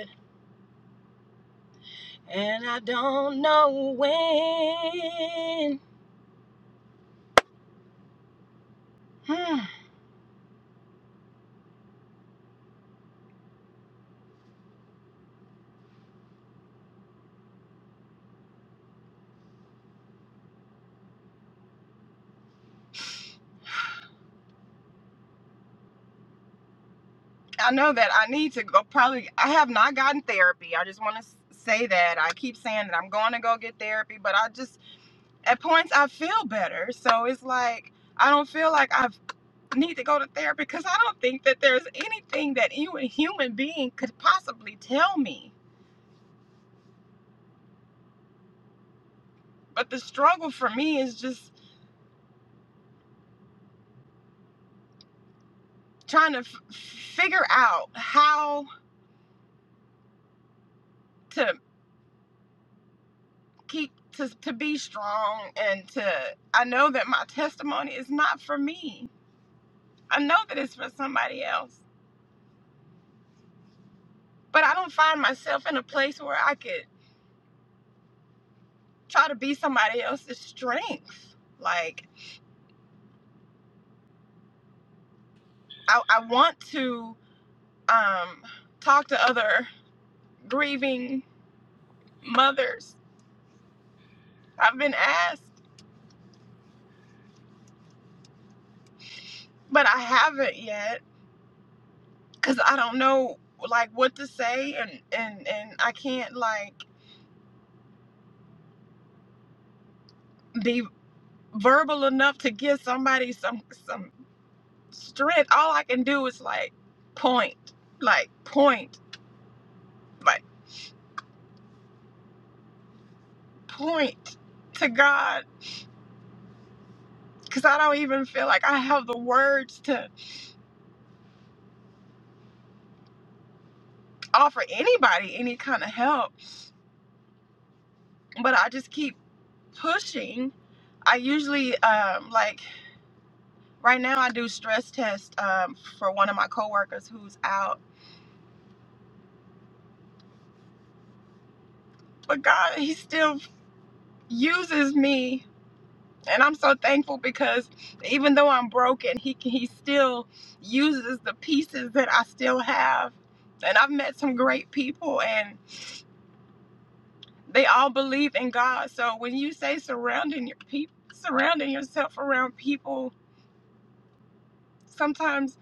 S4: And I don't know when. Hmm. I know that I need to go. Probably, I have not gotten therapy. I just want to say that. I keep saying that I'm going to go get therapy, but I just, at points, I feel better. So it's like, I don't feel like I need to go to therapy because I don't think that there's anything that any human being could possibly tell me. But the struggle for me is just trying to f- figure out how. to. keep to to be strong and to I know that my testimony is not for me. I know that it's for somebody else. But I don't find myself in a place where I could try to be somebody else's strength. Like I, I want to um, talk to other grieving mothers. I've been asked, but I haven't yet because I don't know like what to say and and and I can't like be. verbal enough to give somebody some some strength. All I can do is like point, like point, like point to God because I don't even feel like I have the words to offer anybody any kind of help. But I just keep pushing. I usually um, like right now I do stress tests um, for one of my coworkers who's out, but God, He still uses me And I'm so thankful because even though I'm broken, he he still uses the pieces that I still have. And I've met some great people and they all believe in God. So when you say surrounding your people surrounding yourself around people, sometimes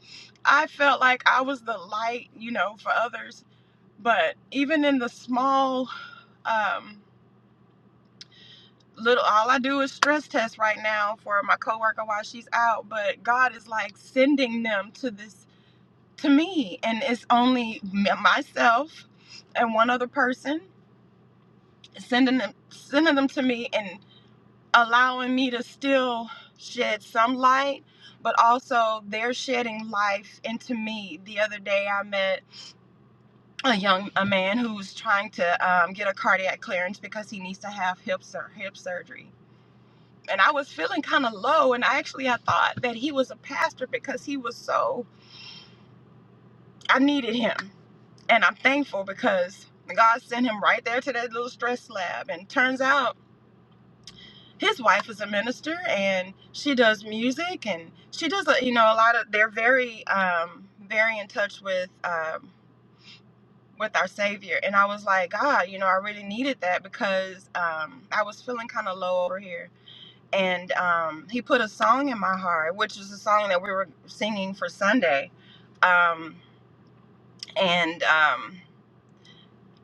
S4: I felt like I was the light, you know, for others. But even in the small um little all I do is stress test right now for my coworker while she's out, but God is like sending them to this to me and it's only m- myself and one other person sending them sending them to me and allowing me to still shed some light but also they're shedding life into me the other day i met a young a man who's trying to um, get a cardiac clearance because he needs to have hip, sur- hip surgery and i was feeling kind of low and I actually i thought that he was a pastor because he was so i needed him And I'm thankful because God sent him right there to that little stress lab. And turns out his wife is a minister and she does music and she does, a, you know, a lot of, they're very, um, very in touch with, um, with our Savior. And I was like, God, you know, I really needed that because um, I was feeling kind of low over here. And um, he put a song in my heart, which is a song that we were singing for Sunday. Um, and um,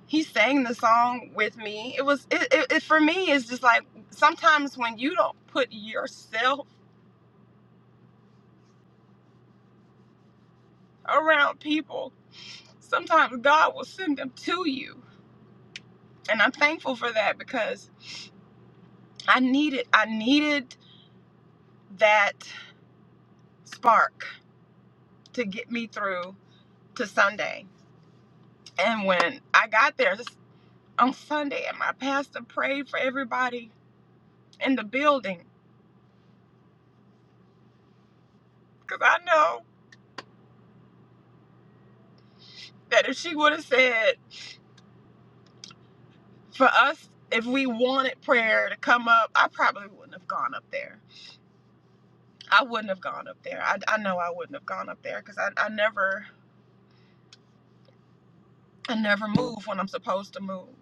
S4: he sang the song with me. It was it, it, it for me. It's just like sometimes when you don't put yourself around people, sometimes God will send them to you, and I'm thankful for that because I needed I needed that spark to get me through to Sunday. And when I got there on Sunday, and my pastor prayed for everybody in the building, because I know that if she would have said for us, if we wanted prayer to come up, I probably wouldn't have gone up there. I wouldn't have gone up there. I, I know I wouldn't have gone up there because I, I never I never move when I'm supposed to move,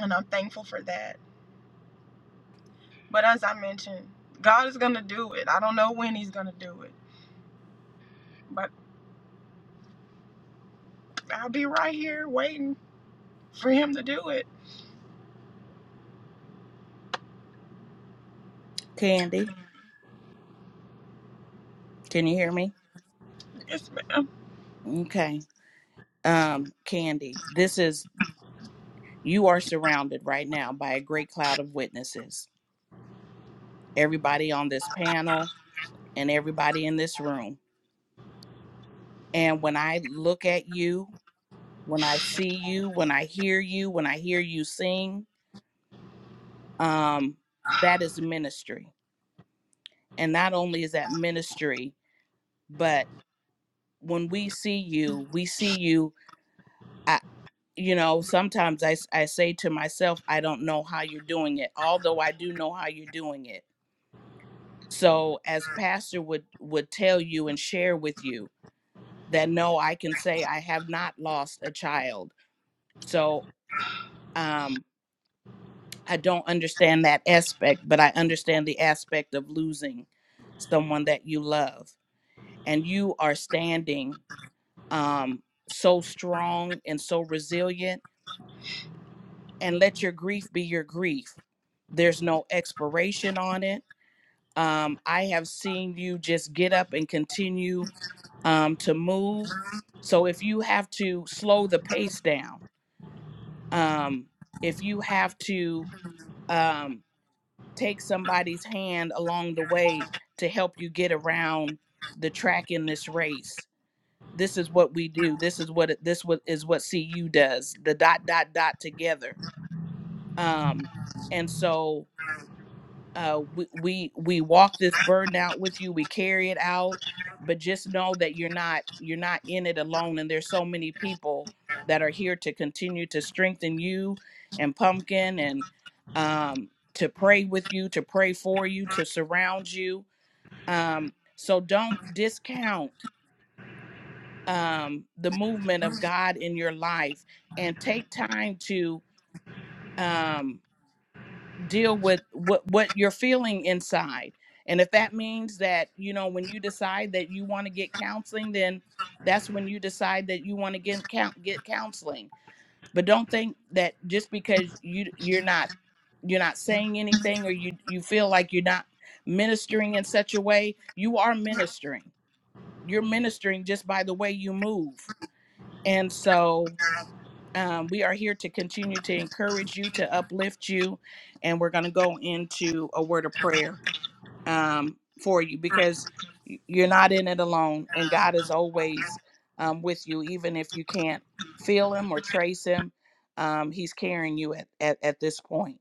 S4: and I'm thankful for that. But as I mentioned, God is gonna do it. I don't know when He's gonna do it, but I'll be right here waiting for Him to do it.
S2: Candy, can you hear me?
S4: Yes, ma'am.
S2: Okay. Um, Candy, this is you are surrounded right now by a great cloud of witnesses. Everybody on this panel and everybody in this room. And when I look at you, when I see you, when I hear you, when I hear you sing, um, that is ministry. And not only is that ministry, but when we see you we see you i you know sometimes I, s- I say to myself i don't know how you're doing it although i do know how you're doing it so as pastor would would tell you and share with you that no i can say i have not lost a child so um i don't understand that aspect but i understand the aspect of losing someone that you love and you are standing um so strong and so resilient and let your grief be your grief. There's no expiration on it. Um, I have seen you just get up and continue um, to move. So if you have to slow the pace down, um, if you have to um, take somebody's hand along the way to help you get around the track in this race, this is what we do. This is what it- this what is what CU does. The dot dot dot together. Um, and so uh we we we walk this burden out with you we carry it out but just know that you're not you're not in it alone and there's so many people that are here to continue to strengthen you and pumpkin and um to pray with you to pray for you to surround you um so don't discount um the movement of god in your life and take time to um deal with what what you're feeling inside and if that means that you know when you decide that you want to get counseling then that's when you decide that you want to get count get counseling but don't think that just because you you're not you're not saying anything or you you feel like you're not ministering in such a way you are ministering you're ministering just by the way you move and so um, we are here to continue to encourage you, to uplift you, and we're going to go into a word of prayer um, for you because y- you're not in it alone, and God is always um, with you, even if you can't feel Him or trace Him. Um, he's carrying you at, at, at this point.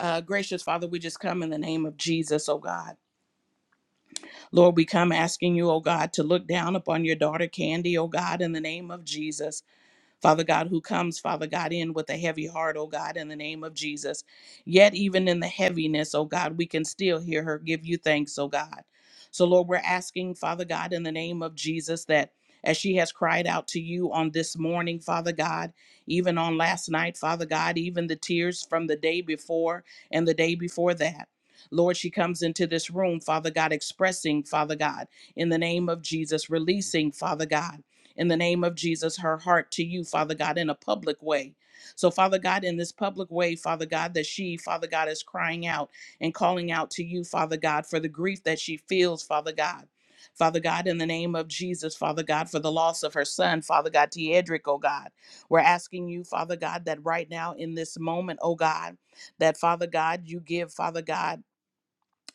S2: Uh, gracious Father, we just come in the name of Jesus, oh God. Lord, we come asking you, oh God, to look down upon your daughter Candy, oh God, in the name of Jesus. Father God, who comes, Father God, in with a heavy heart, oh God, in the name of Jesus. Yet, even in the heaviness, oh God, we can still hear her give you thanks, oh God. So, Lord, we're asking, Father God, in the name of Jesus, that as she has cried out to you on this morning, Father God, even on last night, Father God, even the tears from the day before and the day before that. Lord, she comes into this room, Father God, expressing, Father God, in the name of Jesus, releasing, Father God in the name of Jesus, her heart to you, Father God, in a public way. So, Father God, in this public way, Father God, that she, Father God, is crying out and calling out to you, Father God, for the grief that she feels, Father God. Father God, in the name of Jesus, Father God, for the loss of her son, Father God, Tiedric, oh God. We're asking you, Father God, that right now in this moment, oh God, that Father God, you give, Father God,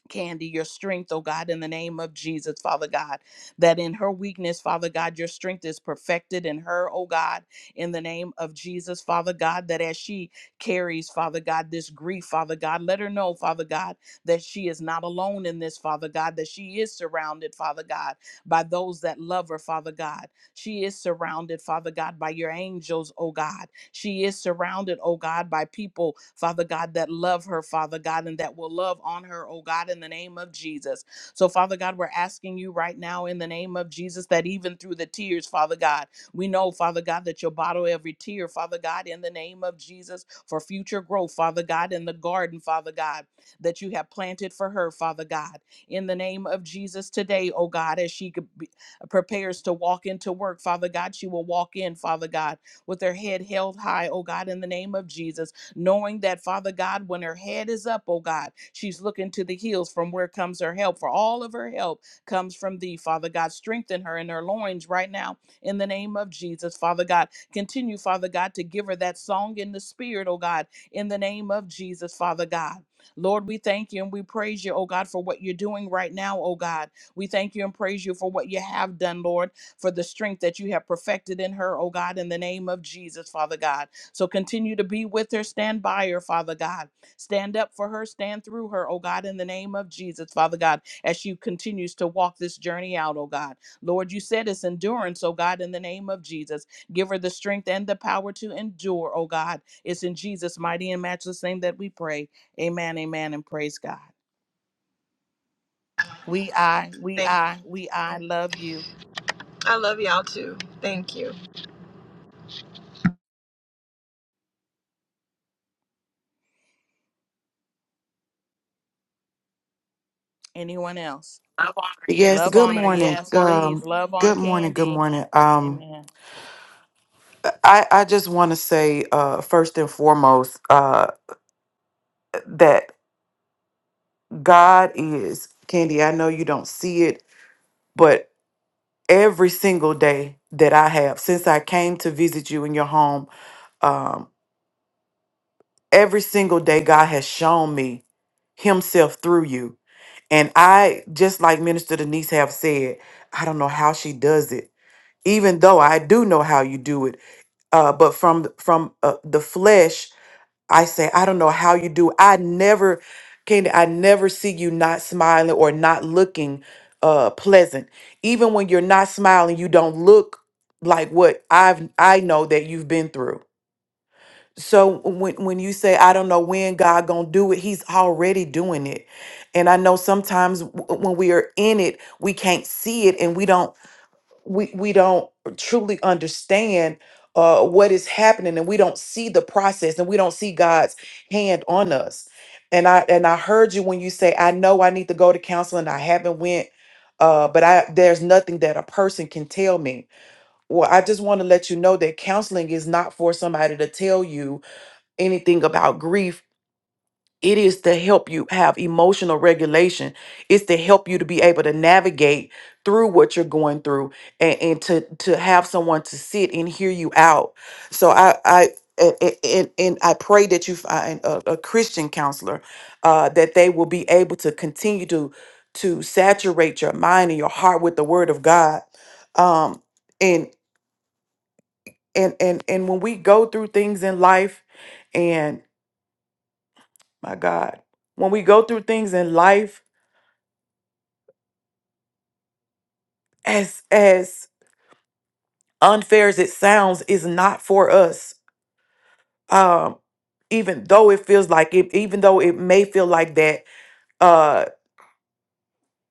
S2: Candy, your strength, oh God, in the name of Jesus, Father God, that in her weakness, Father God, your strength is perfected in her, oh God, in the name of Jesus, Father God, that as she carries, Father God, this grief, Father God, let her know, Father God, that she is not alone in this, Father God, that she is surrounded, Father God, by those that love her, Father God. She is surrounded, Father God, by your angels, oh God. She is surrounded, oh God, by people, Father God, that love her, Father God, and that will love on her, oh God, in the name of Jesus. So, Father God, we're asking you right now in the name of Jesus that even through the tears, Father God, we know, Father God, that you'll bottle every tear, Father God, in the name of Jesus for future growth, Father God, in the garden, Father God, that you have planted for her, Father God, in the name of Jesus today, oh God, as she could be, prepares to walk into work, Father God, she will walk in, Father God with her head held high, oh God, in the name of Jesus, knowing that, Father God, when her head is up, oh God, she's looking to the hills from where comes her help. For all of her help comes from thee, Father God. Strengthen her in her loins right now in the name of Jesus, Father God. Continue, Father God, to give her that song in the spirit, oh God, in the name of Jesus, Father God. Lord, we thank you and we praise you, oh God, for what you're doing right now, oh God. We thank you and praise you for what you have done, Lord for the strength that you have perfected in her, oh God, in the name of Jesus, Father God. So continue to be with her, stand by her, Father God. Stand up for her, stand through her, oh God, in the name of Jesus, Father God, as she continues to walk this journey out, oh God. Lord, you said it's endurance, oh God, in the name of Jesus. Give her the strength and the power to endure, oh God. It's in Jesus' mighty and matchless name that we pray. Amen, amen, and praise God. We, I, we,
S4: Thank. you.
S2: I, we, I love you.
S4: I love y'all too. Thank you.
S2: Anyone else?
S5: Yes,
S2: Love
S5: good
S2: on her.
S5: morning.
S2: Yes,
S5: Um,
S2: please. Love on
S5: good morning, good
S2: Candy.
S5: morning. Um,
S2: Amen.
S5: I, I just want to say, uh, first and foremost, uh, that God is, Candy, I know you don't see it, but every single day that I have, since I came to visit you in your home, um, every single day God has shown me Himself through you. And I, just like Minister Denise have said, I don't know how she does it, even though I do know how you do it uh, but from from uh, the flesh i say i don't know how you do i never Candy, i never see you not smiling or not looking uh pleasant even when you're not smiling you don't look like what i've i know that you've been through so when when you say i don't know when god gonna do it he's already doing it and i know sometimes w- when we are in it we can't see it and we don't we we don't truly understand uh, what is happening, and we don't see the process, and we don't see God's hand on us. And I and I heard you when you say, "I know I need to go to counseling. I haven't went, uh, but I there's nothing that a person can tell me." Well, I just want to let you know that counseling is not for somebody to tell you anything about grief it is to help you have emotional regulation. It's to help you to be able to navigate through what you're going through and, and to to have someone to sit and hear you out. So I I a- a- and, and I pray that you find a, a Christian counselor uh, that they will be able to continue to to saturate your mind and your heart with the Word of God. Um, and and and and when we go through things in life, and my God, when we go through things in life as as unfair as it sounds is not for us um even though it feels like it even though it may feel like that uh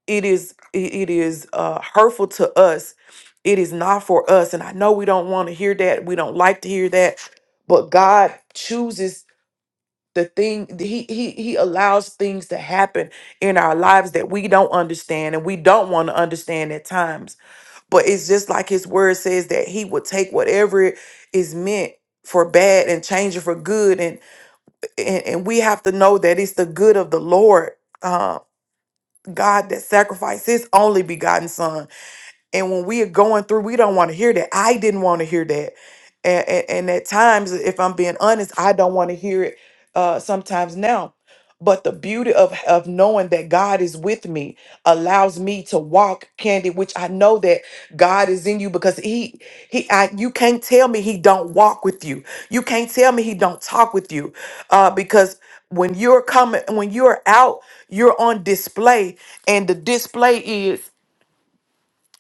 S5: it is it it is uh hurtful to us it is not for us and i know we don't want to hear that we don't like to hear that but god chooses the thing he he he allows things to happen in our lives that we don't understand and we don't want to understand at times But it's just like his word says that he would take whatever is meant for bad and change it for good. And and, and we have to know that it's the good of the Lord, uh, God that sacrificed his only begotten son. And when we are going through, we don't want to hear that. I didn't want to hear that. And, and, and at times, if I'm being honest, I don't want to hear it uh, sometimes now. But the beauty of, of knowing that God is with me allows me to walk candid, which I know that God is in you because He He I, you can't tell me He don't walk with you. You can't tell me He don't talk with you, uh, because when you're coming, when you're out, you're on display, and the display is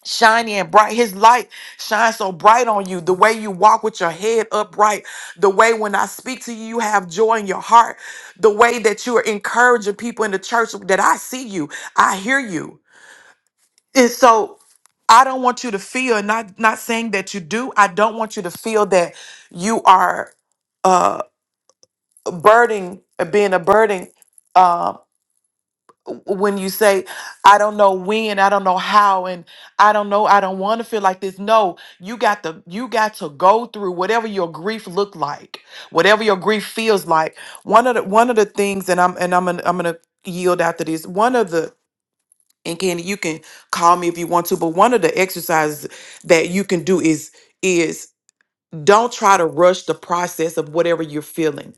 S5: shining and bright. His light shines so bright on you. The way you walk with your head upright, the way when I speak to you, you have joy in your heart, the way that you are encouraging people in the church that I see you, I hear you. And so I don't want you to feel, not not saying that you do, I don't want you to feel that you are uh burden being a burden um, when you say i don't know when i don't know how and i don't know i don't want to feel like this no you got to you got to go through whatever your grief look like whatever your grief feels like one of the one of the things and i'm and i'm gonna, i'm gonna yield after this one of the and candy you can call me if you want to but one of the exercises that you can do is is don't try to rush the process of whatever you're feeling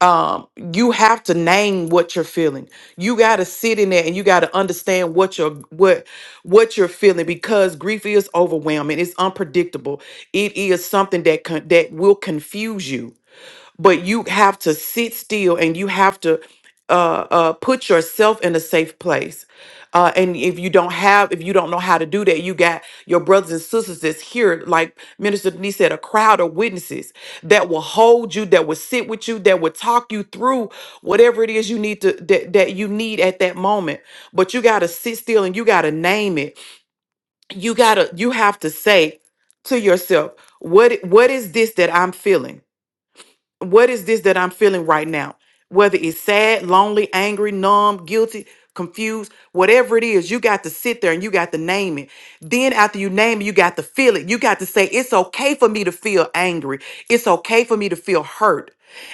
S5: um you have to name what you're feeling you got to sit in there and you got to understand what you're what what you're feeling because grief is overwhelming it's unpredictable it is something that con- that will confuse you but you have to sit still and you have to uh, uh, put yourself in a safe place. Uh, and if you don't have, if you don't know how to do that, you got your brothers and sisters that's here, like Minister Denise said, a crowd of witnesses that will hold you, that will sit with you, that will talk you through whatever it is you need to that, that you need at that moment. But you gotta sit still and you gotta name it. You gotta, you have to say to yourself, what what is this that I'm feeling? what is this that I'm feeling right now? Whether it's sad, lonely, angry, numb, guilty, confused, whatever it is, you got to sit there and you got to name it. Then after you name it, you got to feel it. You got to say, it's okay for me to feel angry. It's okay for me to feel hurt.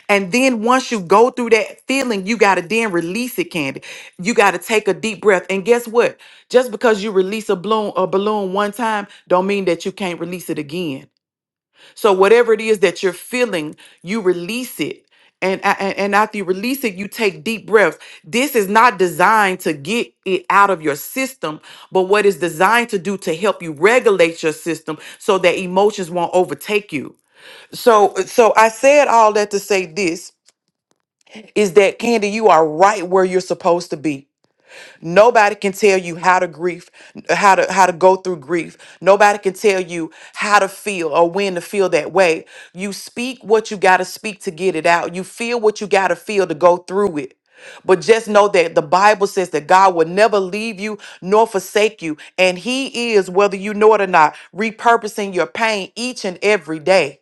S5: And then once you go through that feeling, you got to then release it, Candy. You got to take a deep breath. And guess what? Just because you release a balloon, a balloon one time, don't mean that you can't release it again. So whatever it is that you're feeling, you release it. And, a- and, and after you release it, you take deep breaths. This is not designed to get it out of your system, but what it's designed to do to help you regulate your system so that emotions won't overtake you. So so I said all that to say this is that Candy, you are right where you're supposed to be Nobody can tell you how to grief, how to how to go through grief. Nobody can tell you how to feel or when to feel that way. You speak what you got to speak to get it out. You feel what you got to feel to go through it. But just know that the Bible says that God will never leave you nor forsake you. And He is, whether you know it or not, repurposing your pain each and every day.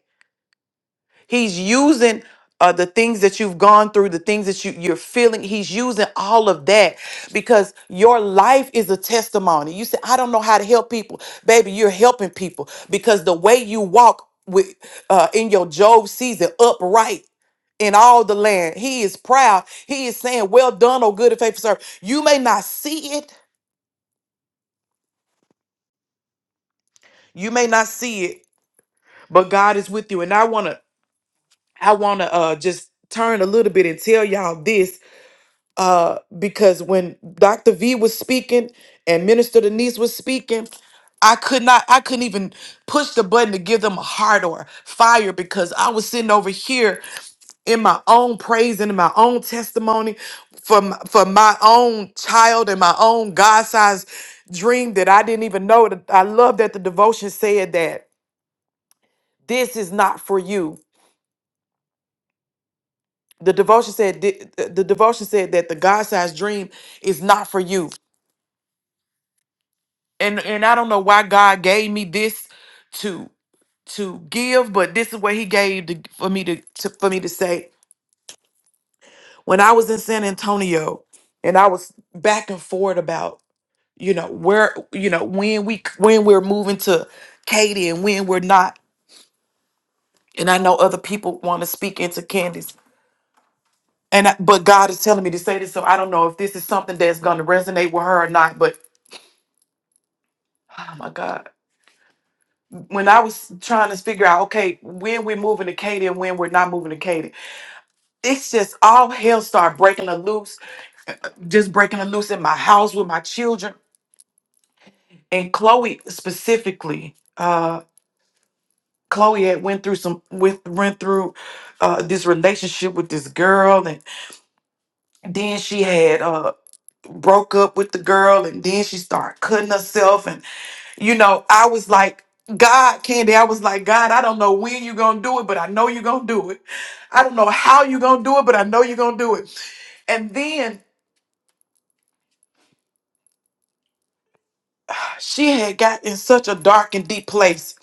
S5: He's using uh, the things that you've gone through, the things that you, you're feeling. He's using all of that because your life is a testimony. You say, I don't know how to help people. Baby, you're helping people because the way you walk with uh, in your Job season upright in all the land, he is proud. He is saying, Well done, O good and faithful servant. You may not see it. You may not see it, but God is with you. And I want to I want to uh, just turn a little bit and tell y'all this uh, because when Dr. V was speaking and Minister Denise was speaking, I could not, I couldn't even push the button to give them a heart or fire because I was sitting over here in my own praise and in my own testimony from for my own child and my own God-sized dream that I didn't even know. That I love that the devotion said that this is not for you. The devotion said the the devotion said that the God-sized dream is not for you and and I don't know why God gave me this to to give, but this is what He gave to, for me to, to for me to say. When I was in San Antonio, and I was back and forth about you know where you know when we when we're moving to Katie and when we're not, and I know other people want to speak into Candace. And I, but God is telling me to say this, so I don't know if this is something that's going to resonate with her or not. But oh my God, when I was trying to figure out, okay, when we're moving to Katy and when we're not moving to Katy, it's just all hell started breaking a loose, just breaking a loose in my house with my children. And Chloe specifically, uh, Chloe had went through some with went through uh, this relationship with this girl, and then she had uh, broke up with the girl, and then she started cutting herself, and. you know, I was like, God, Candy, I was like, God, I don't know when you're going to do it, but I know you're going to do it. I don't know how you're going to do it, but I know you're going to do it. And then she had got in such a dark and deep place.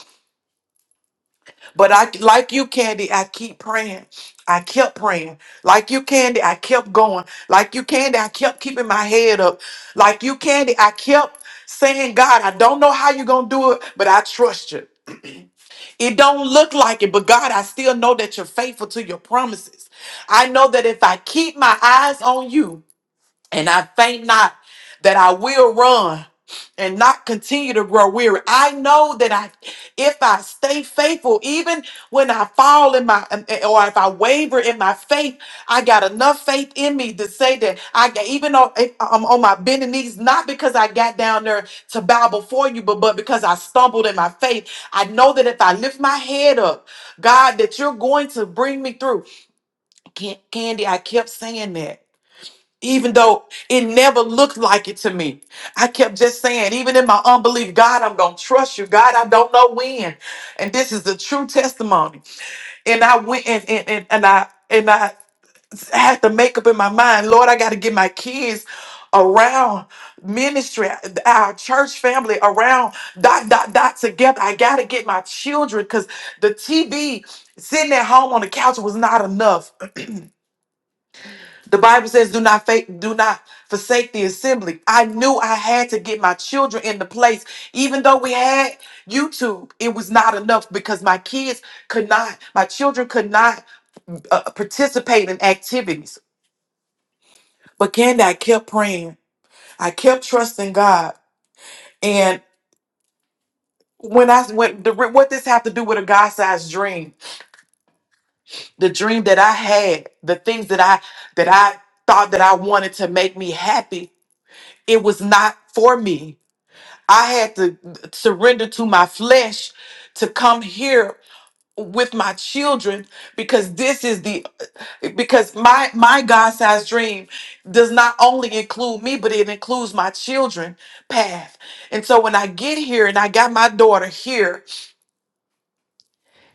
S5: But I, like you, Candy, I keep praying. I kept praying. Like you, Candy, I kept going. Like you, Candy, I kept keeping my head up. Like you, Candy, I kept saying, God, I don't know how you're going to do it, but I trust you. It don't look like it, but God, I still know that you're faithful to your promises. I know that if I keep my eyes on you, and I faint not that I will run and not continue to grow weary. I know that I, if I stay faithful, even when I fall in my, um, eh, or if I waver in my faith, I got enough faith in me to say that I, got- even though if I'm on my bending knees, not because I got down there to bow before you, but, but because I stumbled in my faith. I know that if I lift my head up, God, that you're going to bring me through. Can- Candy, I kept saying that even though it never looked like it to me. I kept just saying, even in my unbelief, God, I'm going to trust you. God, I don't know when. And this is a true testimony. And I went and, and, and, and I, and I had to make up in my mind, Lord, I got to get my kids around ministry, our church family around dot, dot, dot together. I got to get my children because the TV sitting at home on the couch was not enough. The Bible says, "Do not fa- do not forsake the assembly." I knew I had to get my children in the place, even though we had YouTube. It was not enough because my kids could not, my children could not uh, participate in activities. But Candy, I kept praying. I kept trusting God, and when I went, the, what this have to do with a God-sized dream? The dream that I had, the things that I that I thought that I wanted to make me happy, it was not for me I had to surrender to my flesh to come here with my children because this is the because my my God-sized dream does not only include me but it includes my children path. And so when I get here and I got my daughter here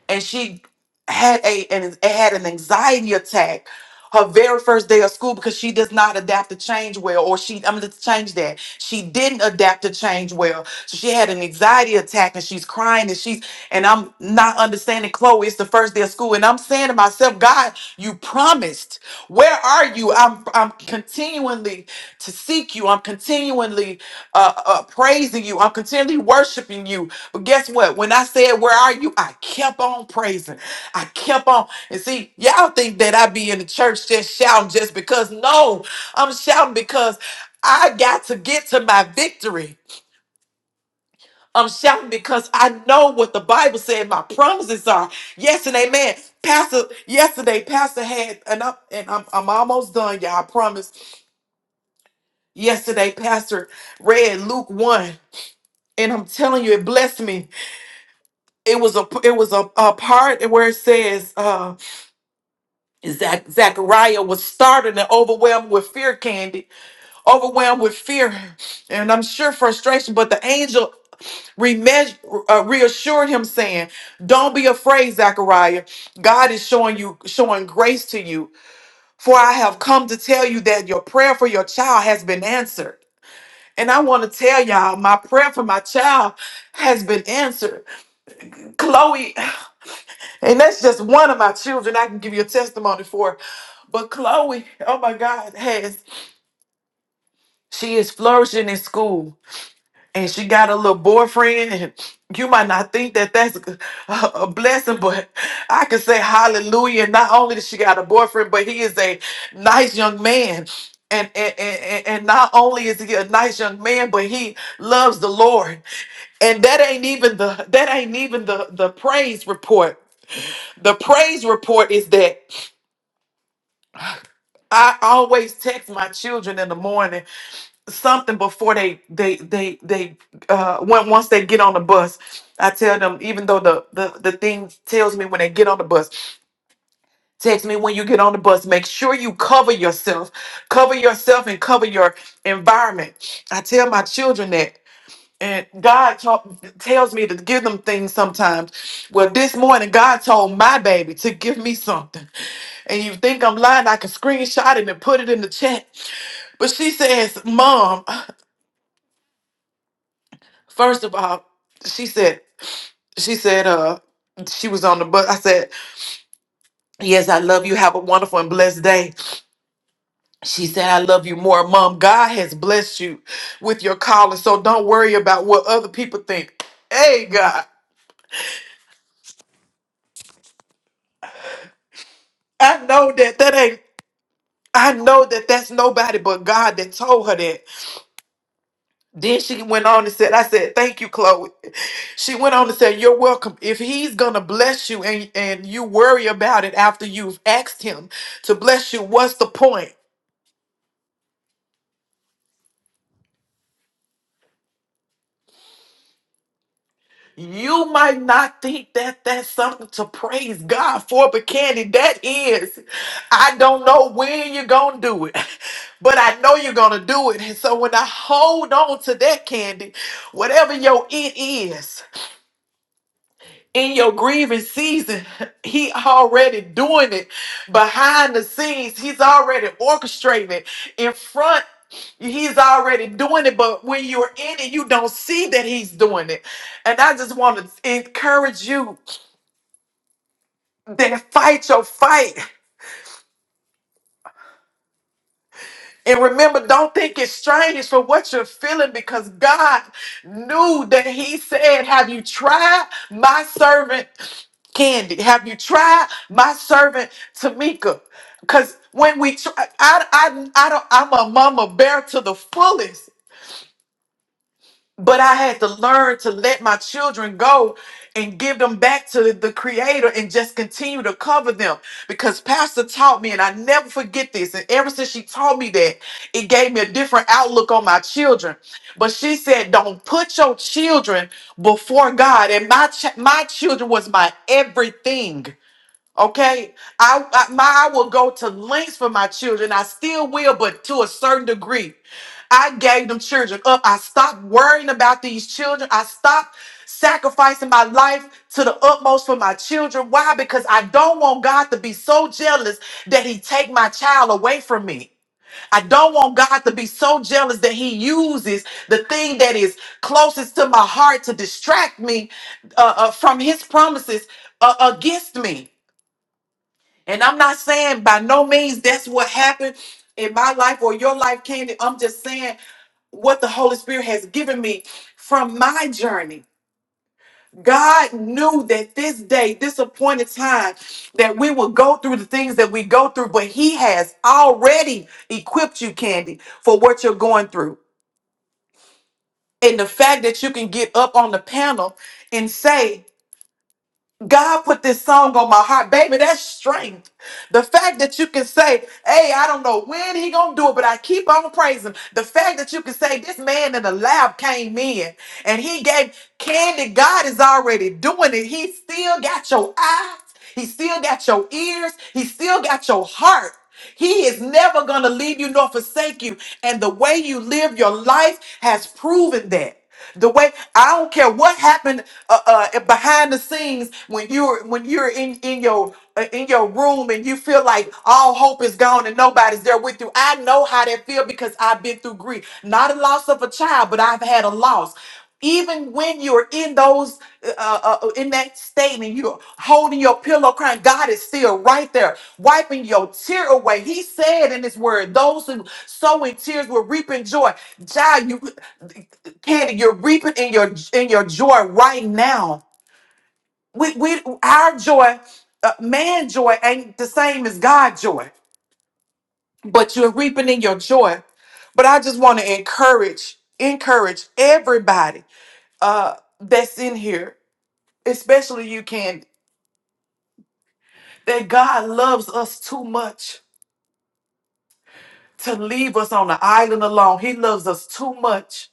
S5: and she had a and had an anxiety attack her very first day of school because she does not adapt to change well or she i'm going to change that she didn't adapt to change well so she had an anxiety attack and she's crying and she's and i'm not understanding chloe it's the first day of school and i'm saying to myself god you promised where are you i'm i'm continually to seek you i'm continually uh, uh praising you i'm continually worshiping you but guess what? When I said, Where are you? I kept on praising. I kept on. And see, y'all think that I be in the church just shouting just because. No, I'm shouting because I got to get to my victory. I'm shouting because I know what the Bible said my promises are. Yes and amen. Pastor, yesterday, Pastor had, and I'm, and I'm, I'm almost done, y'all, I promise. Yesterday, Pastor read Luke 1, and I'm telling you, it blessed me it was a it was a, a part where it says uh Zach, Zachariah was startled and overwhelmed with fear, Candy, overwhelmed with fear, and I'm sure frustration. But the angel remeas- uh, reassured him, saying, "Don't be afraid, Zachariah. God is showing you showing grace to you. For I have come to tell you that your prayer for your child has been answered." And I want to tell y'all, my prayer for my child has been answered. Chloe And that's just one of my children I can give you a testimony for. But Chloe, oh my God, has she is flourishing in school and she got a little boyfriend. And you might not think that that's a, a blessing, but I can say hallelujah. Not only does she got a boyfriend, but he is a nice young man. And, and, and, and and not only is he a nice young man, but he loves the Lord. And that ain't even the that ain't even the the praise report. The praise report is that I always text my children in the morning something before they they they they uh when, once they get on the bus. I tell them even though the, the the thing tells me when they get on the bus, text me when you get on the bus. Make sure you cover yourself, cover yourself and cover your environment. I tell my children that and God taught, tells me to give them things sometimes. Well, this morning, God told my baby to give me something. And you think I'm lying, I can screenshot it and put it in the chat. But she says, Mom, first of all, she said, she said, uh, she was on the bus. I said, Yes, I love you. Have a wonderful and blessed day. She said, I love you more. Mom, God has blessed you with your calling. So don't worry about what other people think. Hey, God. I know that that ain't I know that that's nobody but God that told her that. Then she went on and said, I said, thank you, Chloe. She went on and said, you're welcome. If he's going to bless you and, and you worry about it after you've asked him to bless you, what's the point? You might not think that that's something to praise God for, but Candy, that is. I don't know when you're going to do it, but I know you're going to do it. And so when I hold on to that, Candy, whatever your it is, in your grieving season, he already doing it behind the scenes. He's already orchestrating it in front. He's already doing it, but when you're in it, you don't see that he's doing it. And I just want to encourage you that fight your fight. And remember, don't think it's strange for what you're feeling because God knew that He said, Have you tried my servant Candy? Have you tried my servant Tamika? Because when we try, I, I, I don't, I'm a mama bear to the fullest. But I had to learn to let my children go and give them back to the Creator and just continue to cover them because Pastor taught me, and I never forget this. And ever since she taught me that, it gave me a different outlook on my children. But she said, "Don't put your children before God." And my ch- my children was my everything. Okay, I, I my I will go to lengths for my children. I still will, but to a certain degree. I gave them children up. I stopped worrying about these children. I stopped sacrificing my life to the utmost for my children. Why? Because I don't want God to be so jealous that He take my child away from me. I don't want God to be so jealous that He uses the thing that is closest to my heart to distract me uh, uh, from His promises uh, against me. And I'm not saying by no means that's what happened in my life or your life, Candy. I'm just saying what the Holy Spirit has given me from my journey. God knew that this day, this appointed time, that we would go through the things that we go through, but He has already equipped you, Candy, for what you're going through. And the fact that you can get up on the panel and say, God put this song on my heart, baby. That's strength. The fact that you can say, "Hey, I don't know when he gonna do it, but I keep on praising." The fact that you can say, "This man in the lab came in and he gave candy." God is already doing it. He still got your eyes. He still got your ears. He still got your heart. He is never gonna leave you nor forsake you. And the way you live your life has proven that. The way I don't care what happened uh, uh, behind the scenes when you're when you're in in your uh, in your room and you feel like all hope is gone and nobody's there with you. I know how that feel because I've been through grief, not a loss of a child, but I've had a loss. Even when you're in those uh, uh, uh, in that state and you're holding your pillow crying, God is still right there, wiping your tear away. He said in His Word, "Those who sow in tears will reap in joy." Child, you Candy, you're reaping in your in your joy right now. We, we our joy, uh, man joy ain't the same as God joy, but you're reaping in your joy. But I just want to encourage encourage everybody uh, that's in here, especially you, Candy, that God loves us too much to leave us on the island alone. He loves us too much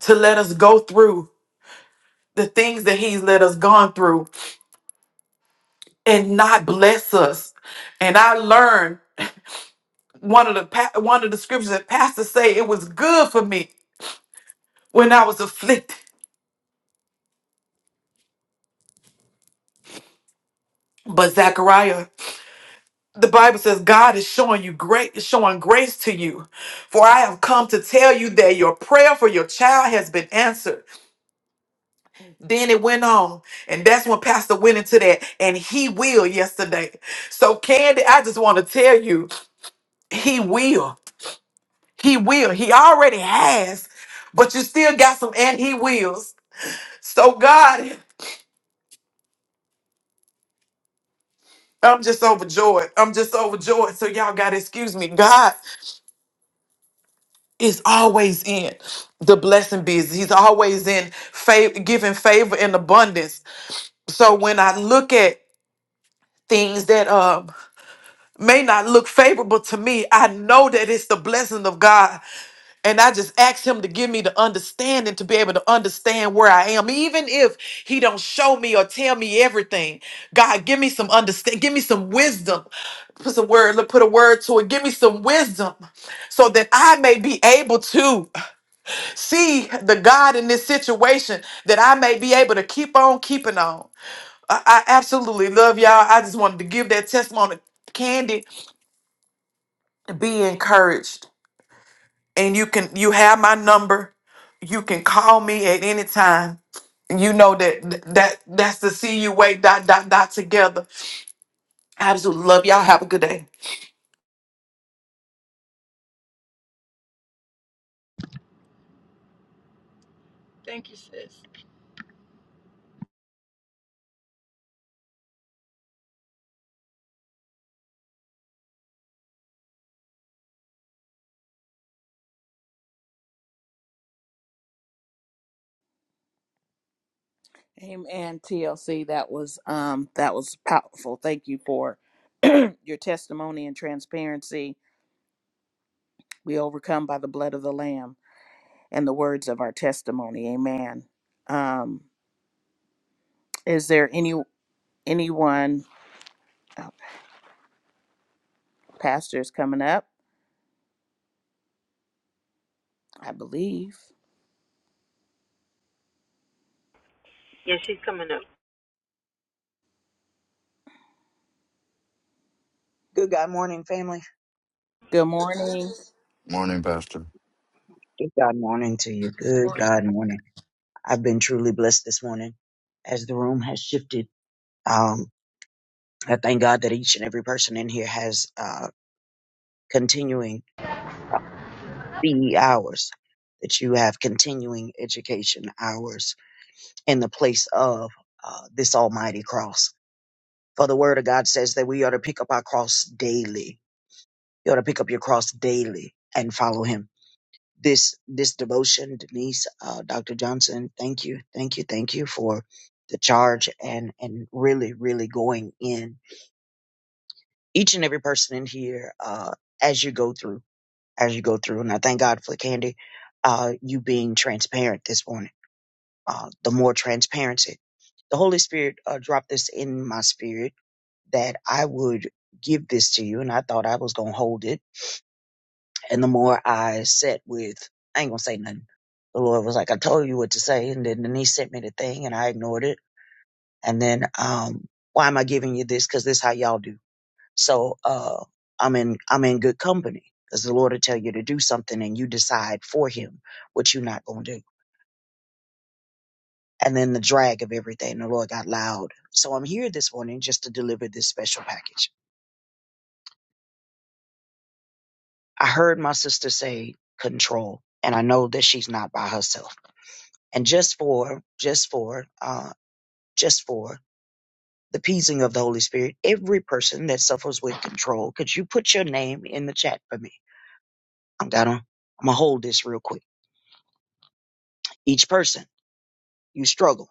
S5: to let us go through the things that He's let us gone through and not bless us. And I learned one of the pa- one of the scriptures that pastors say it was good for me when I was afflicted. But Zechariah, the Bible says God is showing you great, is showing grace to you. For I have come to tell you that your prayer for your child has been answered. Then it went on, and that's when Pastor went into that, and he will yesterday. So Candy, I just want to tell you, he will. He will. He already has, but you still got some and he wills. So God, I'm just overjoyed. I'm just overjoyed. So y'all gotta excuse me. God is always in the blessing business. He's always in favor, giving favor and abundance. So when I look at things that um may not look favorable to me, I know that it's the blessing of God And I just ask him to give me the understanding to be able to understand where I am. Even if he don't show me or tell me everything. God, give me some understand, give me some wisdom. Put some word, look, put a word to it. Give me some wisdom so that I may be able to see the God in this situation, that I may be able to keep on keeping on. I, I absolutely love y'all. I just wanted to give that testimony. Candy, be encouraged and you can you have my number you can call me at any time you know that that that's the see you wait dot dot dot together i absolutely love y'all have a good day
S4: Thank you, sis.
S2: Amen. TLC, that was um that was powerful. Thank you for your testimony and transparency. We overcome by the blood of the lamb and the words of our testimony. Amen. Um is there any anyone oh, pastor's coming up? I believe.
S6: Good God morning, family.
S2: Good morning.
S7: Morning, Pastor.
S6: Good God morning to you. Good God morning. I've been truly blessed this morning as the room has shifted. Um, I thank God that each and every person in here has uh, continuing CE hours, that you have continuing education hours in the place of uh, this almighty cross. For the word of God says that we ought to pick up our cross daily. You ought to pick up your cross daily and follow him this this devotion, Denise, uh, Dr. Johnson. Thank you, thank you, thank you for the charge and and really really going in each and every person in here uh, as you go through as you go through. And I thank God for Candy, uh, you being transparent this morning. Uh, the more transparency, the Holy Spirit uh, dropped this in my spirit that I would give this to you, and I thought I was gonna hold it And the more I sat with, I ain't gonna say nothing. The Lord was like, I told you what to say. And then, then he sent me the thing and I ignored it. And then, um, why am I giving you this? Cause this how y'all do. So, uh, I'm in, I'm in good company because the Lord will tell you to do something and you decide for him what you're not gonna do. And then the drag of everything, the Lord got loud. So I'm here this morning just to deliver this special package. I heard my sister say control and I know that she's not by herself and just for just for uh just for the peasing of the holy spirit every person that suffers with control could you put your name in the chat for me i'm gonna i'm gonna hold this real quick each person you struggle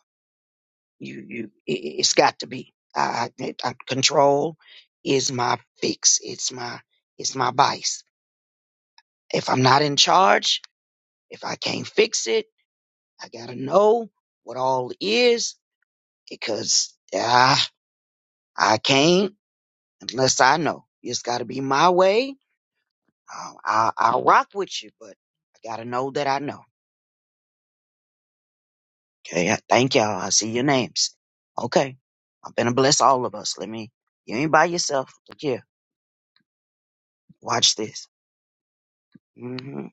S6: you you i- it's got to be I, I, I- control is my fix it's my it's my vice if i'm not in charge if i can't fix it i gotta know what all is because ah, i can't Unless I know it's got to be my way, I'll, I'll, I'll rock with you, but I got to know that I know. Okay, I thank y'all. I see your names. Okay, I'm gonna bless all of us. Let me. You ain't by yourself. Look here. Watch this. hmm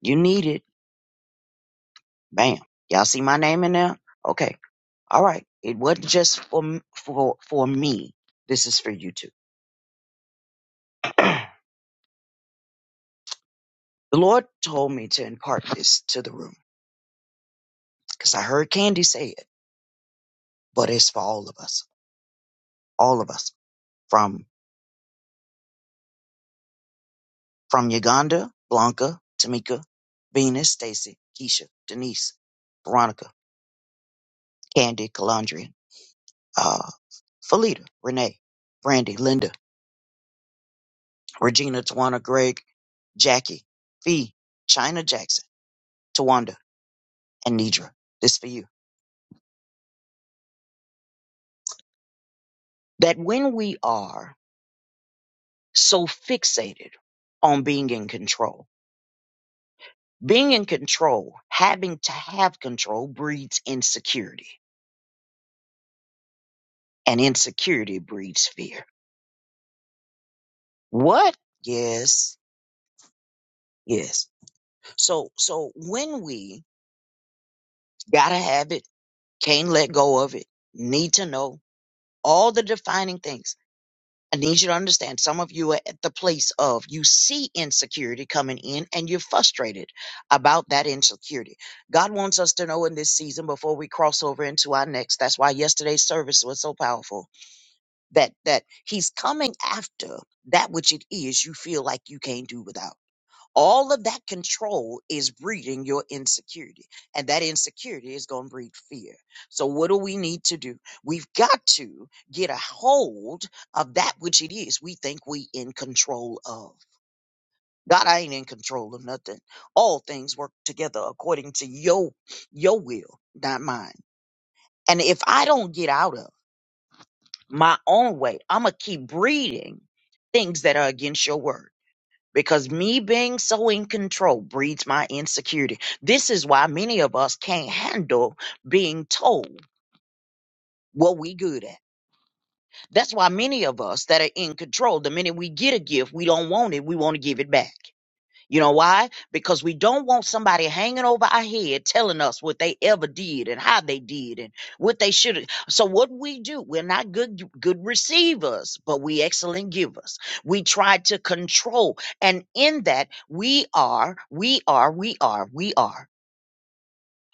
S6: You need it. Bam. Y'all see my name in there? Okay. All right. It wasn't just for m- for for me. This is for you too. the Lord told me to impart this to the room because I heard Candy say it, but it's for all of us. All of us. from From Uganda: Blanca, Tamika, Venus, Stacy, Keisha, Denise, Veronica, Candy, Calandria, uh, Felita, Renee, Brandy, Linda, Regina, Tawana, Greg, Jackie, Fee, China Jackson, Tawanda, and Nidra. This for you. That when we are so fixated on being in control, being in control, having to have control breeds insecurity, and insecurity breeds fear. What? Yes Yes. So so when we gotta have it, can't let go of it, need to know all the defining things. I need you to understand some of you are at the place of you see insecurity coming in and you're frustrated about that insecurity. God wants us to know in this season before we cross over into our next. That's why yesterday's service was so powerful. That that he's coming after that which it is you feel like you can't do without. All of that control is breeding your insecurity, and that insecurity is going to breed fear. So, what do we need to do? We've got to get a hold of that which it is we think we in control of. God, I ain't in control of nothing. All things work together according to your your will, not mine. And if I don't get out of my own way, I'm gonna keep breeding things that are against your word because me being so in control breeds my insecurity. This is why many of us can't handle being told what we good at. That's why many of us that are in control, the minute we get a gift, we don't want it, we want to give it back. You know why? Because we don't want somebody hanging over our head telling us what they ever did and how they did and what they should have. So what we do, we're not good good receivers, but we excellent givers. We try to control. And in that, we are, we are, we are, we are,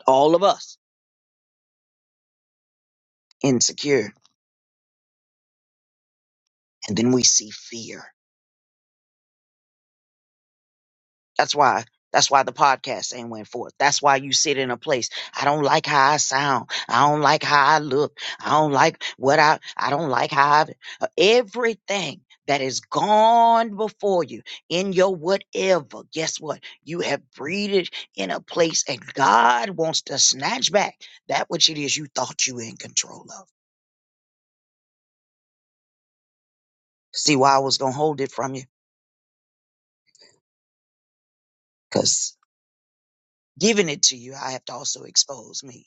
S6: all of us insecure. And then we see fear. That's why. That's why the podcast ain't went forth. That's why you sit in a place. I don't like how I sound. I don't like how I look. I don't like what I. I don't like how I. uh, Everything that is gone before you in your whatever. Guess what? You have breathed in a place, and God wants to snatch back that which it is you thought you were in control of. See why I was gonna hold it from you? Cause giving it to you, I have to also expose me.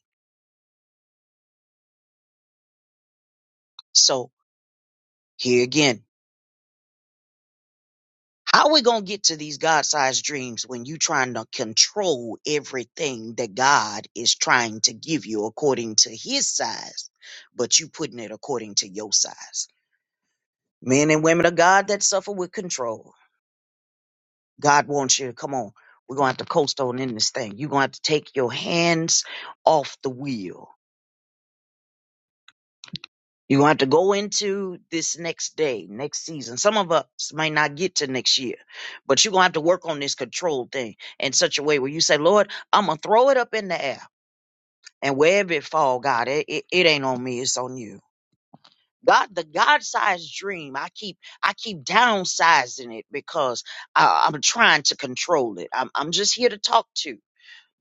S6: So here again. How we gonna get to these God-sized dreams when you trying to control everything that God is trying to give you according to His size, but you putting it according to your size? Men and women of God that suffer with control. God wants you to come on. We're gonna have to coast on in this thing. You're gonna have to take your hands off the wheel You want to have to go into this next day, next season. Some of us might not get to next year, but you're going to have to work on this control thing in such a way where you say, Lord, I'm going to throw it up in the air. And wherever it fall, God, it, it, it ain't on me. It's on you. God, the God-sized dream, I keep, I keep downsizing it because I, I'm trying to control it. I'm, I'm just here to talk to.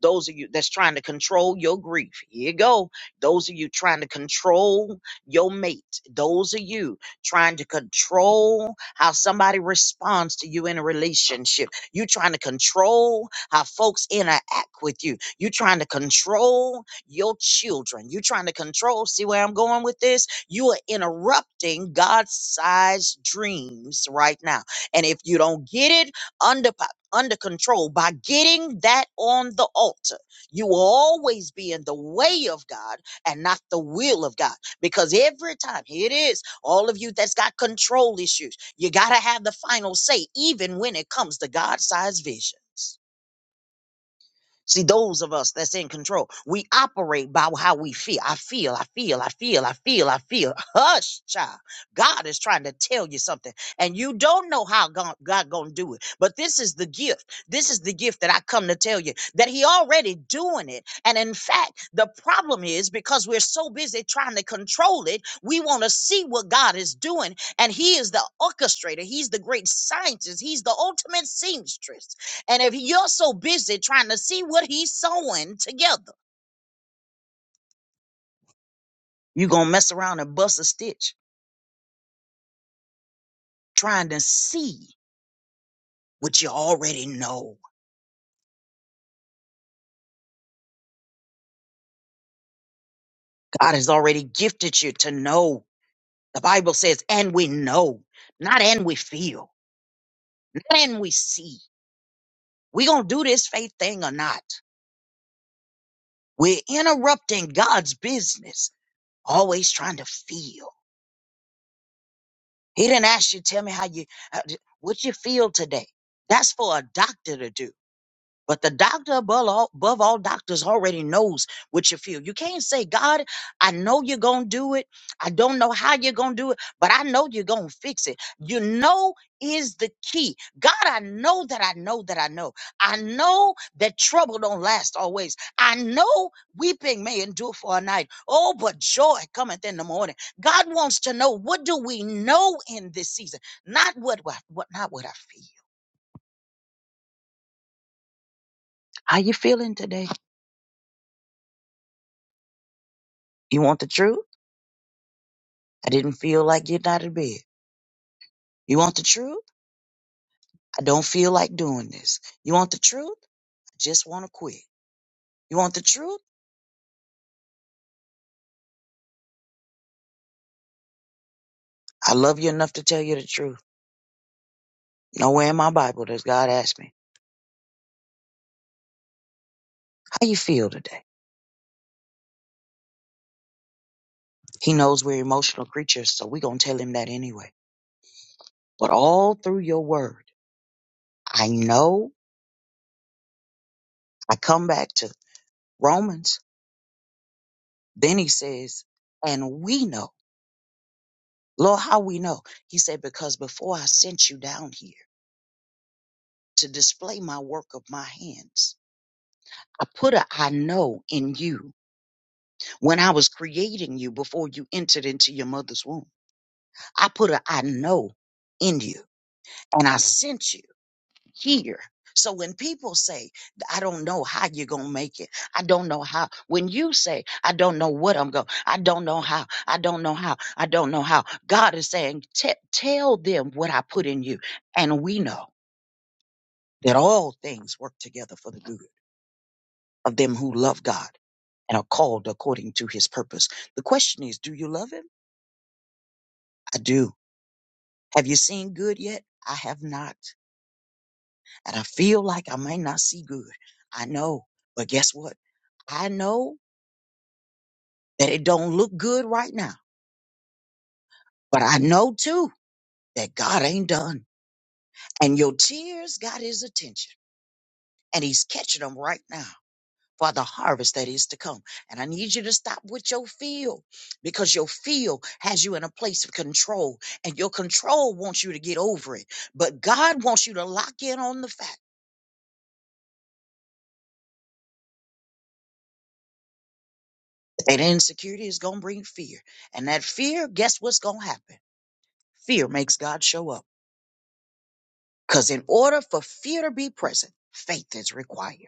S6: Those of you that's trying to control your grief, here you go. Those of you trying to control your mate, those of you trying to control how somebody responds to you in a relationship, you trying to control how folks interact with you, you trying to control your children, you trying to control. See where I'm going with this? You are interrupting God sized dreams right now. And if you don't get it, under under control by getting that on the altar. You will always be in the way of God and not the will of God. Because every time, here it is, all of you that's got control issues, you got to have the final say, even when it comes to God sized visions. See, those of us that's in control, we operate by how we feel. I feel, I feel, I feel, I feel, I feel. Hush, child. God is trying to tell you something, and you don't know how God, God gonna do it. But this is the gift. This is the gift that I come to tell you that He already doing it. And in fact, the problem is because we're so busy trying to control it, we want to see what God is doing, and He is the orchestrator. He's the great scientist. He's the ultimate seamstress. And if you're so busy trying to see what he's sewing together, you're going to mess around and bust a stitch trying to see what you already know. God has already gifted you to know. The Bible says, and we know, not and we feel, not and we see. we going to do this faith thing or not. We're interrupting God's business, always trying to feel. He didn't ask you, tell me how you, how, what you feel today. That's for a doctor to do. But the doctor above all, above all doctors already knows what you feel. You can't say, God, I know you're going to do it. I don't know how you're going to do it, but I know you're going to fix it. You know is the key. God, I know that I know that I know. I know that trouble don't last always. I know weeping may endure for a night. Oh, but joy cometh in the morning. God wants to know what do we know in this season? Not what, what, what not what I feel. How you feeling today? You want the truth? I didn't feel like getting out of bed. You want the truth? I don't feel like doing this. You want the truth? I just want to quit. You want the truth? I love you enough to tell you the truth. Nowhere in my Bible does God ask me, how you feel today? He knows we're emotional creatures, so we going to tell him that anyway. But all through your word, I know, I come back to Romans. Then he says, and we know. Lord, how we know? He said, because before I sent you down here to display my work of my hands, I put a I know in you when I was creating you before you entered into your mother's womb. I put a I know in you and I sent you here. So when people say, I don't know how you're going to make it. I don't know how. When you say, I don't know what I'm going, I don't know how. I don't know how. I don't know how. God is saying, "Te- tell them what I put in you. And we know that all things work together for the good of them who love God and are called according to his purpose. The question is, do you love him? I do. Have you seen good yet? I have not. And I feel like I might not see good. I know. But guess what? I know that it don't look good right now, but I know too that God ain't done. And your tears got his attention and he's catching them right now. for the harvest that is to come. And I need you to stop with your feel because your feel has you in a place of control and your control wants you to get over it. But God wants you to lock in on the fact that insecurity is going to bring fear. And that fear, guess what's going to happen? Fear makes God show up because in order for fear to be present, faith is required.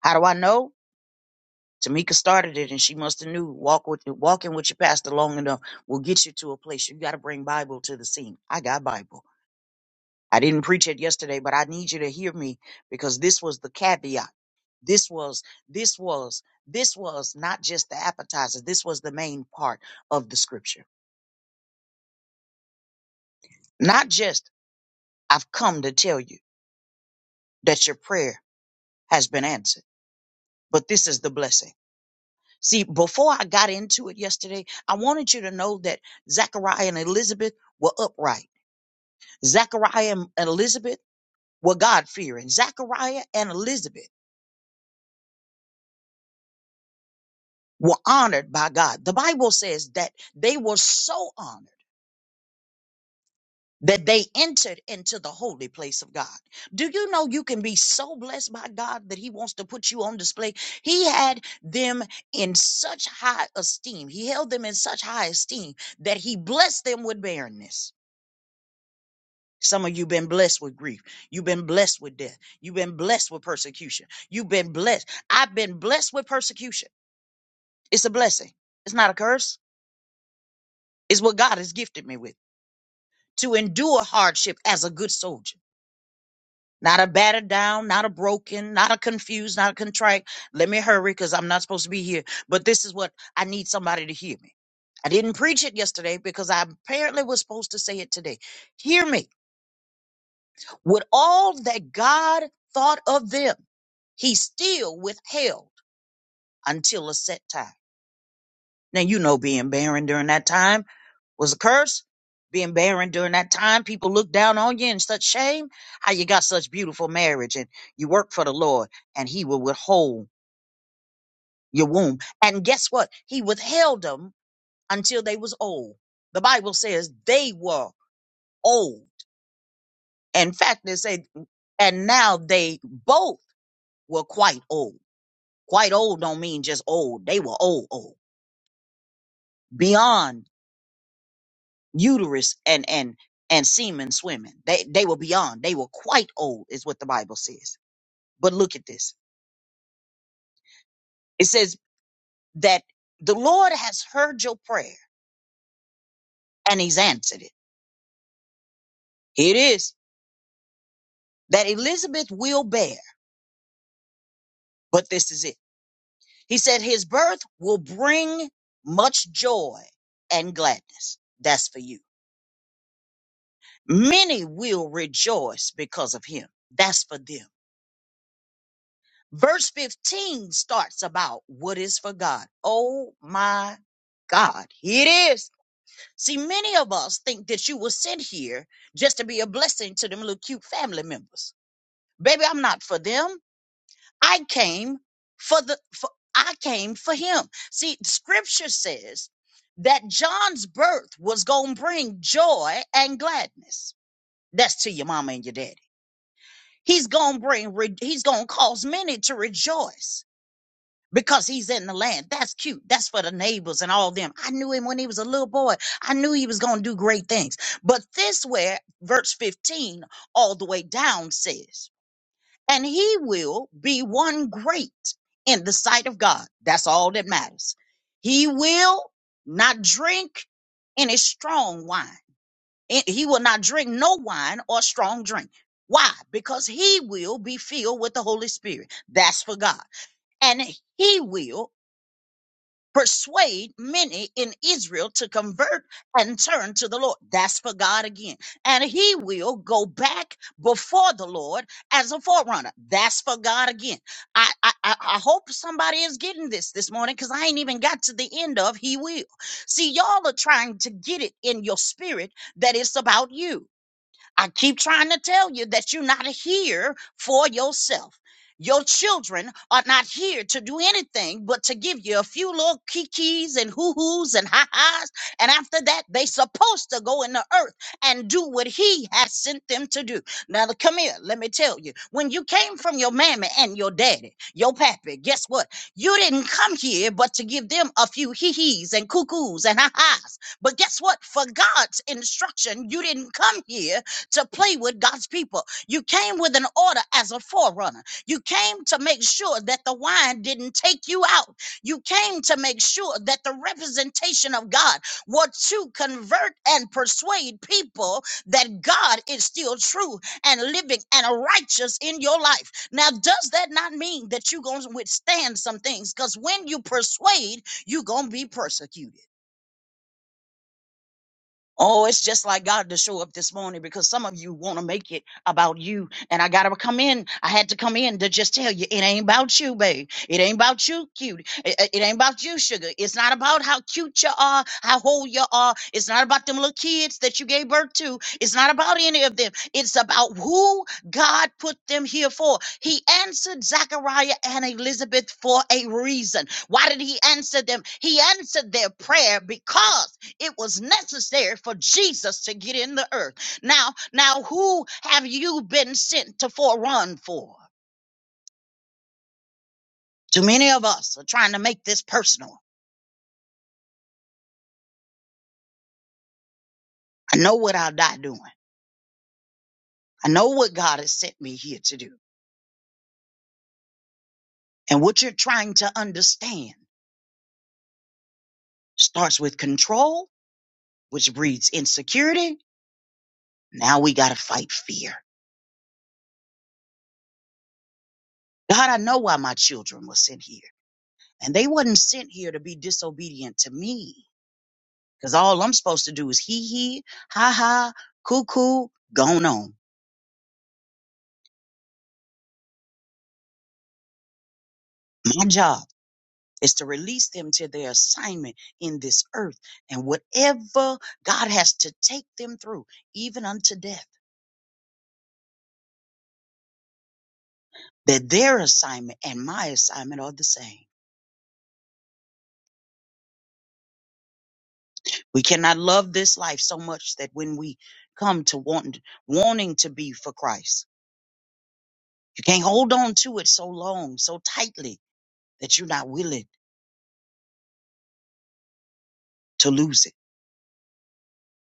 S6: How do I know? Tamika started it and she must have knew walk with walking with your pastor long enough will get you to a place. You got to bring Bible to the scene. I got Bible. I didn't preach it yesterday, but I need you to hear me because this was the caveat. This was, this was, this was not just the appetizer. This was the main part of the scripture. Not just, I've come to tell you that your prayer has been answered, but this is the blessing. See, before I got into it yesterday, I wanted you to know that Zachariah and Elizabeth were upright. Zachariah and Elizabeth were God fearing. Zachariah and Elizabeth were honored by God. The Bible says that they were so honored that they entered into the holy place of God. Do you know you can be so blessed by God that He wants to put you on display? He had them in such high esteem. He held them in such high esteem that He blessed them with barrenness. Some of you been blessed with grief. You've been blessed with death. You've been blessed with persecution. You've been blessed. I've been blessed with persecution. It's a blessing. It's not a curse. It's what God has gifted me with. to endure hardship as a good soldier. Not a battered down, not a broken, not a confused, not a contrite. Let me hurry because I'm not supposed to be here. But this is what I need somebody to hear me. I didn't preach it yesterday because I apparently was supposed to say it today. Hear me. With all that God thought of them, he still withheld until a set time. Now, you know, being barren during that time. was a curse. Being barren during that time, people looked down on you in such shame. How you got such beautiful marriage and you work for the Lord and he will withhold your womb. And guess what? He withheld them until they was old. The Bible says they were old. In fact, they say, and now they both were quite old. Quite old don't mean just old. They were old, old. Beyond uterus and and and semen swimming. They they were beyond. They were quite old, is what the Bible says. But look at this. It says that the Lord has heard your prayer and He's answered it. Here it is that Elizabeth will bear, but this is it. He said his birth will bring much joy and gladness. That's for you. Many will rejoice because of him. That's for them Verse 15 starts about what is for God. Oh my God, here it is. See, many of us think that you were sent here just to be a blessing to them little cute family members. Baby, I'm not for them. I came for the for I came for him. See, scripture says that John's birth was going to bring joy and gladness. That's to your mama and your daddy. He's going to bring re- he's going to cause many to rejoice. because he's in the land. That's cute. That's for the neighbors and all them. I knew him when he was a little boy. I knew he was going to do great things. But this where verse 15 all the way down says, and he will be one great in the sight of God. That's all that matters. He will not drink any strong wine. And He will not drink no wine or strong drink. Why? Because he will be filled with the Holy Spirit. That's for God and he will persuade many in Israel to convert and turn to the Lord. That's for God again. And he will go back before the Lord as a forerunner. That's for God again. I I, I I hope somebody is getting this this morning because I ain't even got to the end of he will. See, y'all are trying to get it in your spirit that it's about you. I keep trying to tell you that you're not here for yourself. Your children are not here to do anything but to give you a few little kikis and hoo-hoos and ha-has. And after that, they supposed to go in the earth and do what he has sent them to do. Now, come here. Let me tell you. When you came from your mammy and your daddy, your pappy, guess what? You didn't come here but to give them a few hee-hees and cuckoos and ha-has. But guess what? For God's instruction, you didn't come here to play with God's people. You came with an order as a forerunner. You came to make sure that the wine didn't take you out. You came to make sure that the representation of God was to convert and persuade people that God is still true and living and righteous in your life. Now, does that not mean that you're going to withstand some things? Because when you persuade, you're going to be persecuted. Oh, it's just like God to show up this morning because some of you want to make it about you. And I got to come in. I had to come in to just tell you it ain't about you, babe. It ain't about you, cute. It, it- it ain't about you, sugar. It's not about how cute you are, how whole you are. It's not about them little kids that you gave birth to. It's not about any of them. It's about who God put them here for. He answered Zachariah and Elizabeth for a reason. Why did he answer them? He answered their prayer because it was necessary for Jesus to get in the earth. Now, now who have you been sent to forerun for? Too many of us are trying to make this personal. I know what I'll die doing. I know what God has sent me here to do. And what you're trying to understand starts with control, which breeds insecurity. Now we got to fight fear. God, I know why my children were sent here. And they wasn't sent here to be disobedient to me. Cause all I'm supposed to do is hee hee, ha ha, cuckoo coo, gone on. My job is to release them to their assignment in this earth and whatever God has to take them through, even unto death, that their assignment and my assignment are the same. We cannot love this life so much that when we come to want, wanting to be for Christ, you can't hold on to it so long, so tightly that you're not willing to lose it.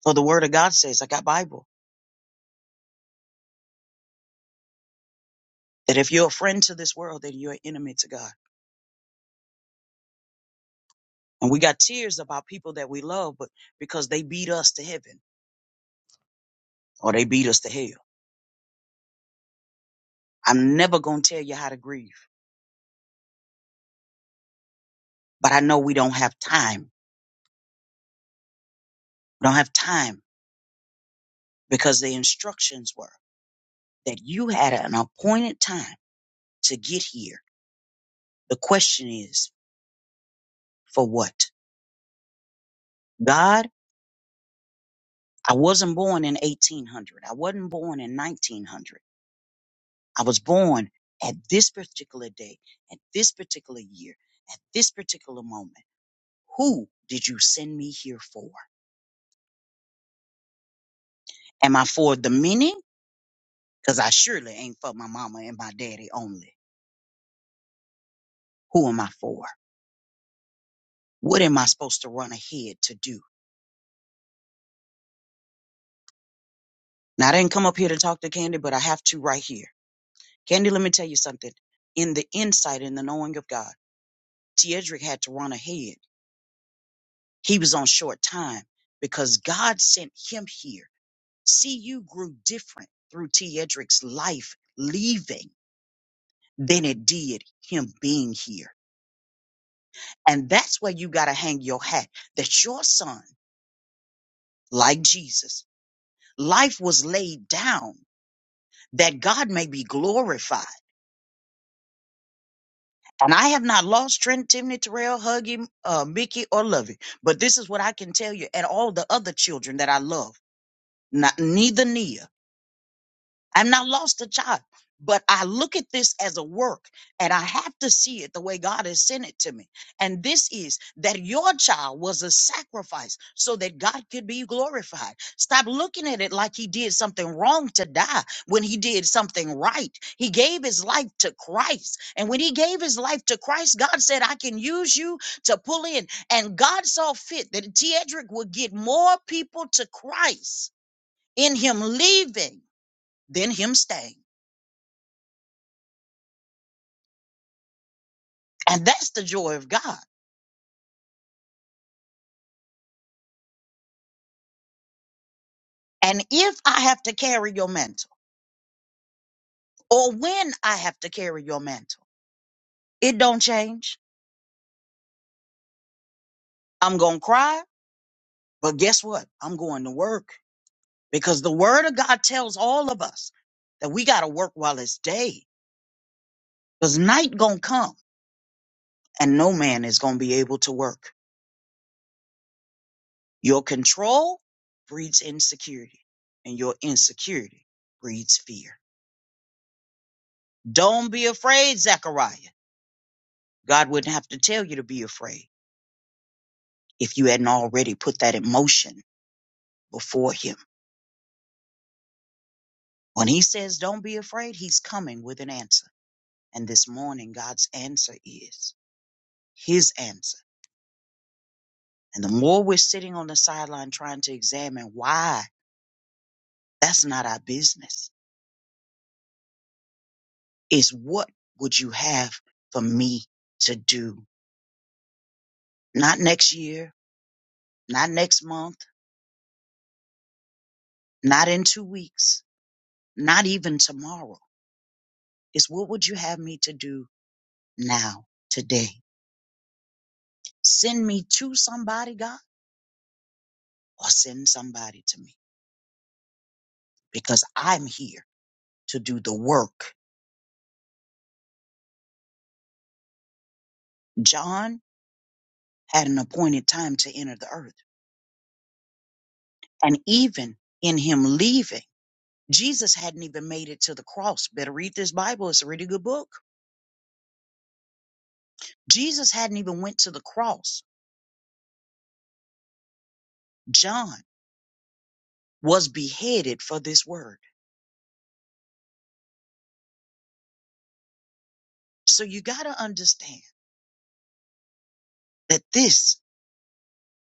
S6: For the word of God says, I got Bible. That if you're a friend to this world, then you're an enemy to God. And we got tears about people that we love, but because they beat us to heaven or they beat us to hell. I'm never going to tell you how to grieve, but I know we don't have time. We don't have time because the instructions were that you had an appointed time to get here. The question is, for what? God, I wasn't born in 1800. I wasn't born in 1900. I was born at this particular day, at this particular year, at this particular moment. Who did you send me here for? Am I for the many? Because I surely ain't for my mama and my daddy only. Who am I for? What am I supposed to run ahead to do? Now, I didn't come up here to talk to Candy, but I have to right here. Candy, let me tell you something. In the insight and the knowing of God, T. Edric had to run ahead. He was on short time because God sent him here CU grew different through T. Edric's life leaving than it did him being here. And that's where you got to hang your hat that your son, like Jesus, life was laid down that God may be glorified. And I have not lost Trent, Timney, Terrell, Huggy, uh, Mickey, or Lovey, but this is what I can tell you and all the other children that I love, not, neither Nia. I've not lost a job, but I look at this as a work and I have to see it the way God has sent it to me. And this is that your child was a sacrifice so that God could be glorified. Stop looking at it like he did something wrong to die when he did something right. He gave his life to Christ. And when he gave his life to Christ, God said, I can use you to pull in. And God saw fit that Tedrick would get more people to Christ in him leaving than him staying. And that's the joy of God. And if I have to carry your mantle, or when I have to carry your mantle, it don't change. I'm going to cry, but guess what? I'm going to work because the word of God tells all of us that we got to work while it's day because night going to come and no man is going to be able to work. Your control breeds insecurity and your insecurity breeds fear. Don't be afraid, Zechariah. God wouldn't have to tell you to be afraid if you hadn't already put that in motion before him. When he says, Don't be afraid, he's coming with an answer. And this morning, God's answer is his answer. And the more we're sitting on the sideline trying to examine why, that's not our business. It's what would you have for me to do? Not next year, not next month, not in two weeks, not even tomorrow. It's what would you have me to do now, today? Send me to somebody, God or send somebody to me because I'm here to do the work. John had an appointed time to enter the earth. And even in him leaving, Jesus hadn't even made it to the cross. Better read this Bible. It's a really good book. Jesus hadn't even went to the cross. John was beheaded for this word. So you got to understand that this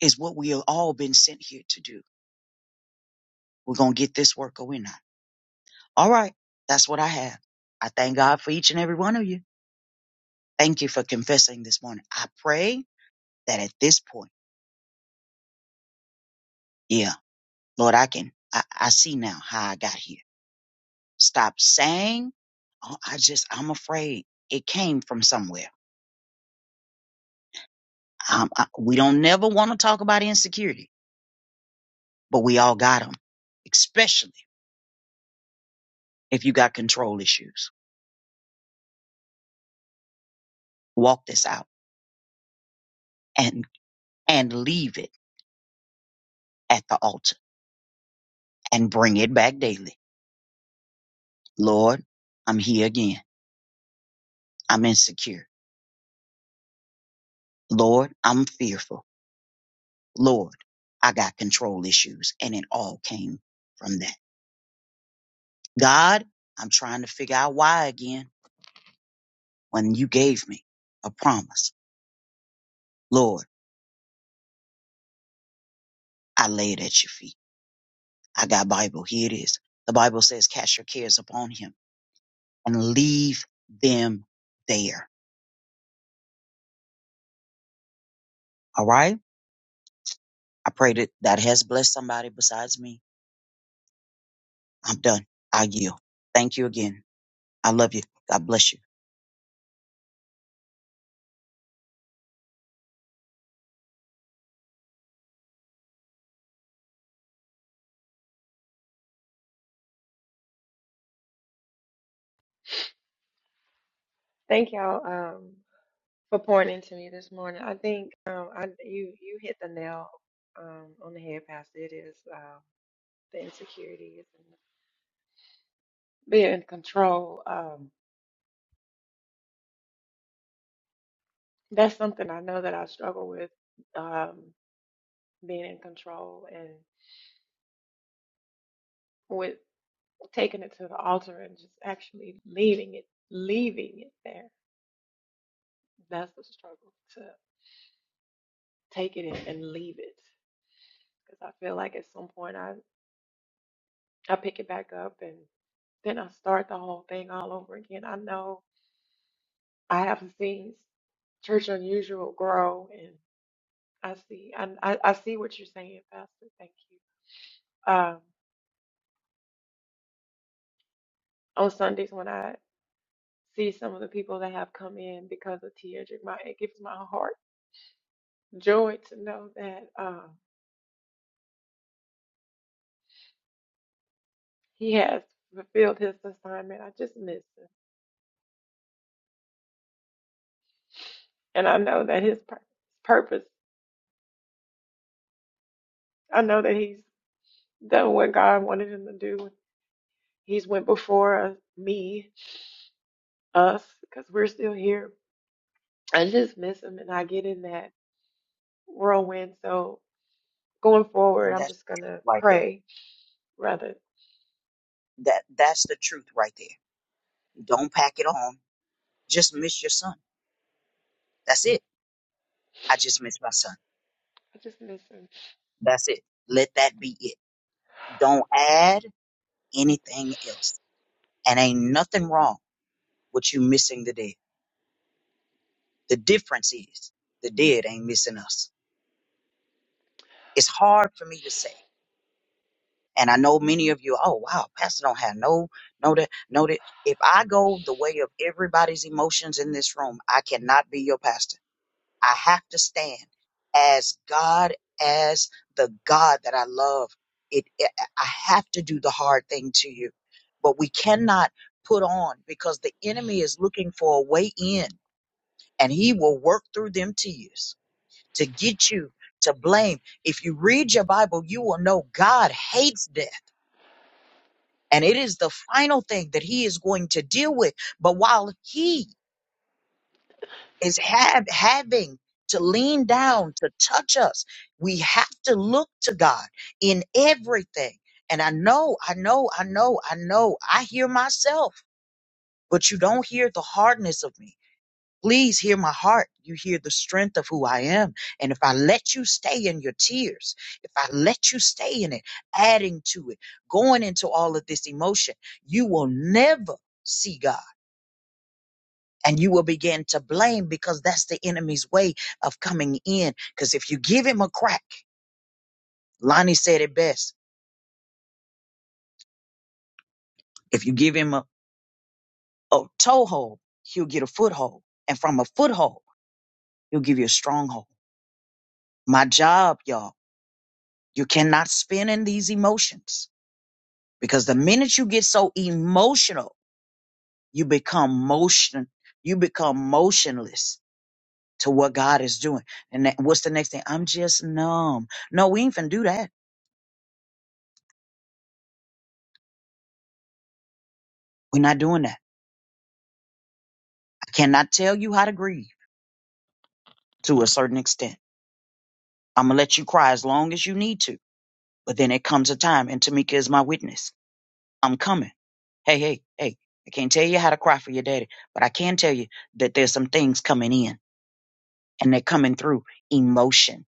S6: is what we have all been sent here to do. We're going to get this work or we're not. All right. That's what I have. I thank God for each and every one of you. Thank you for confessing this morning. I pray that at this point, yeah, Lord, I can, I, I see now how I got here. Stop saying, oh, I just, I'm afraid it came from somewhere. Um, I, we don't never want to talk about insecurity, but we all got them, especially if you got control issues. Walk this out and, and leave it at the altar and bring it back daily. Lord, I'm here again. I'm insecure. Lord, I'm fearful. Lord, I got control issues. And it all came from that. God, I'm trying to figure out why again when you gave me a promise. Lord, I lay it at your feet. I got Bible. Here it is. The Bible says, cast your cares upon him and leave them there. All right. I pray that that has blessed somebody besides me. I'm done. I yield. Thank you again. I love you. God bless you. And that's right there. That, that's the truth right there. Don't pack it on Just miss your son. That's it. I just miss my son. That's it. Let that be it. Don't add anything else. And ain't nothing wrong with you missing the dead. The difference is the dead ain't missing us. It's hard for me to say. And I know many of you, oh wow, Pastor don't have no, no that, no that. If I go the way of everybody's emotions in this room, I cannot be your pastor. I have to stand as God, as the God that I love. It, it, I have to do the hard thing to you, but we cannot put on because the enemy is looking for a way in and he will work through them tears to get you to blame. If you read your Bible, you will know God hates death and it is the final thing that he is going to deal with. But while he is have having to lean down to touch us we have to look to god in everything and i know i know i know i know i hear myself but you don't hear the hardness of me please hear my heart you hear the strength of who i am and if i let you stay in your tears if i let you stay in it adding to it going into all of this emotion you will never see god and you will begin to blame because that's the enemy's way of coming in. Because if you give him a crack, Lonnie said it best. If you give him a, a toehold, he'll get a foothold. And from a foothold, he'll give you a stronghold. My job, y'all, you cannot spin in these emotions because the minute you get so emotional, you become motion, you become motionless to what God is doing. And that, what's the next thing? I'm just numb. No, we ain't finna do that. We're not doing that. I cannot tell you how to grieve to a certain extent. I'm going to let you cry as long as you need to. But then it comes a time, and Tamika is my witness. I'm coming. Hey, hey, hey. I can't tell you how to cry for your daddy, but I can tell you that there's some things coming in, and they're coming through emotion.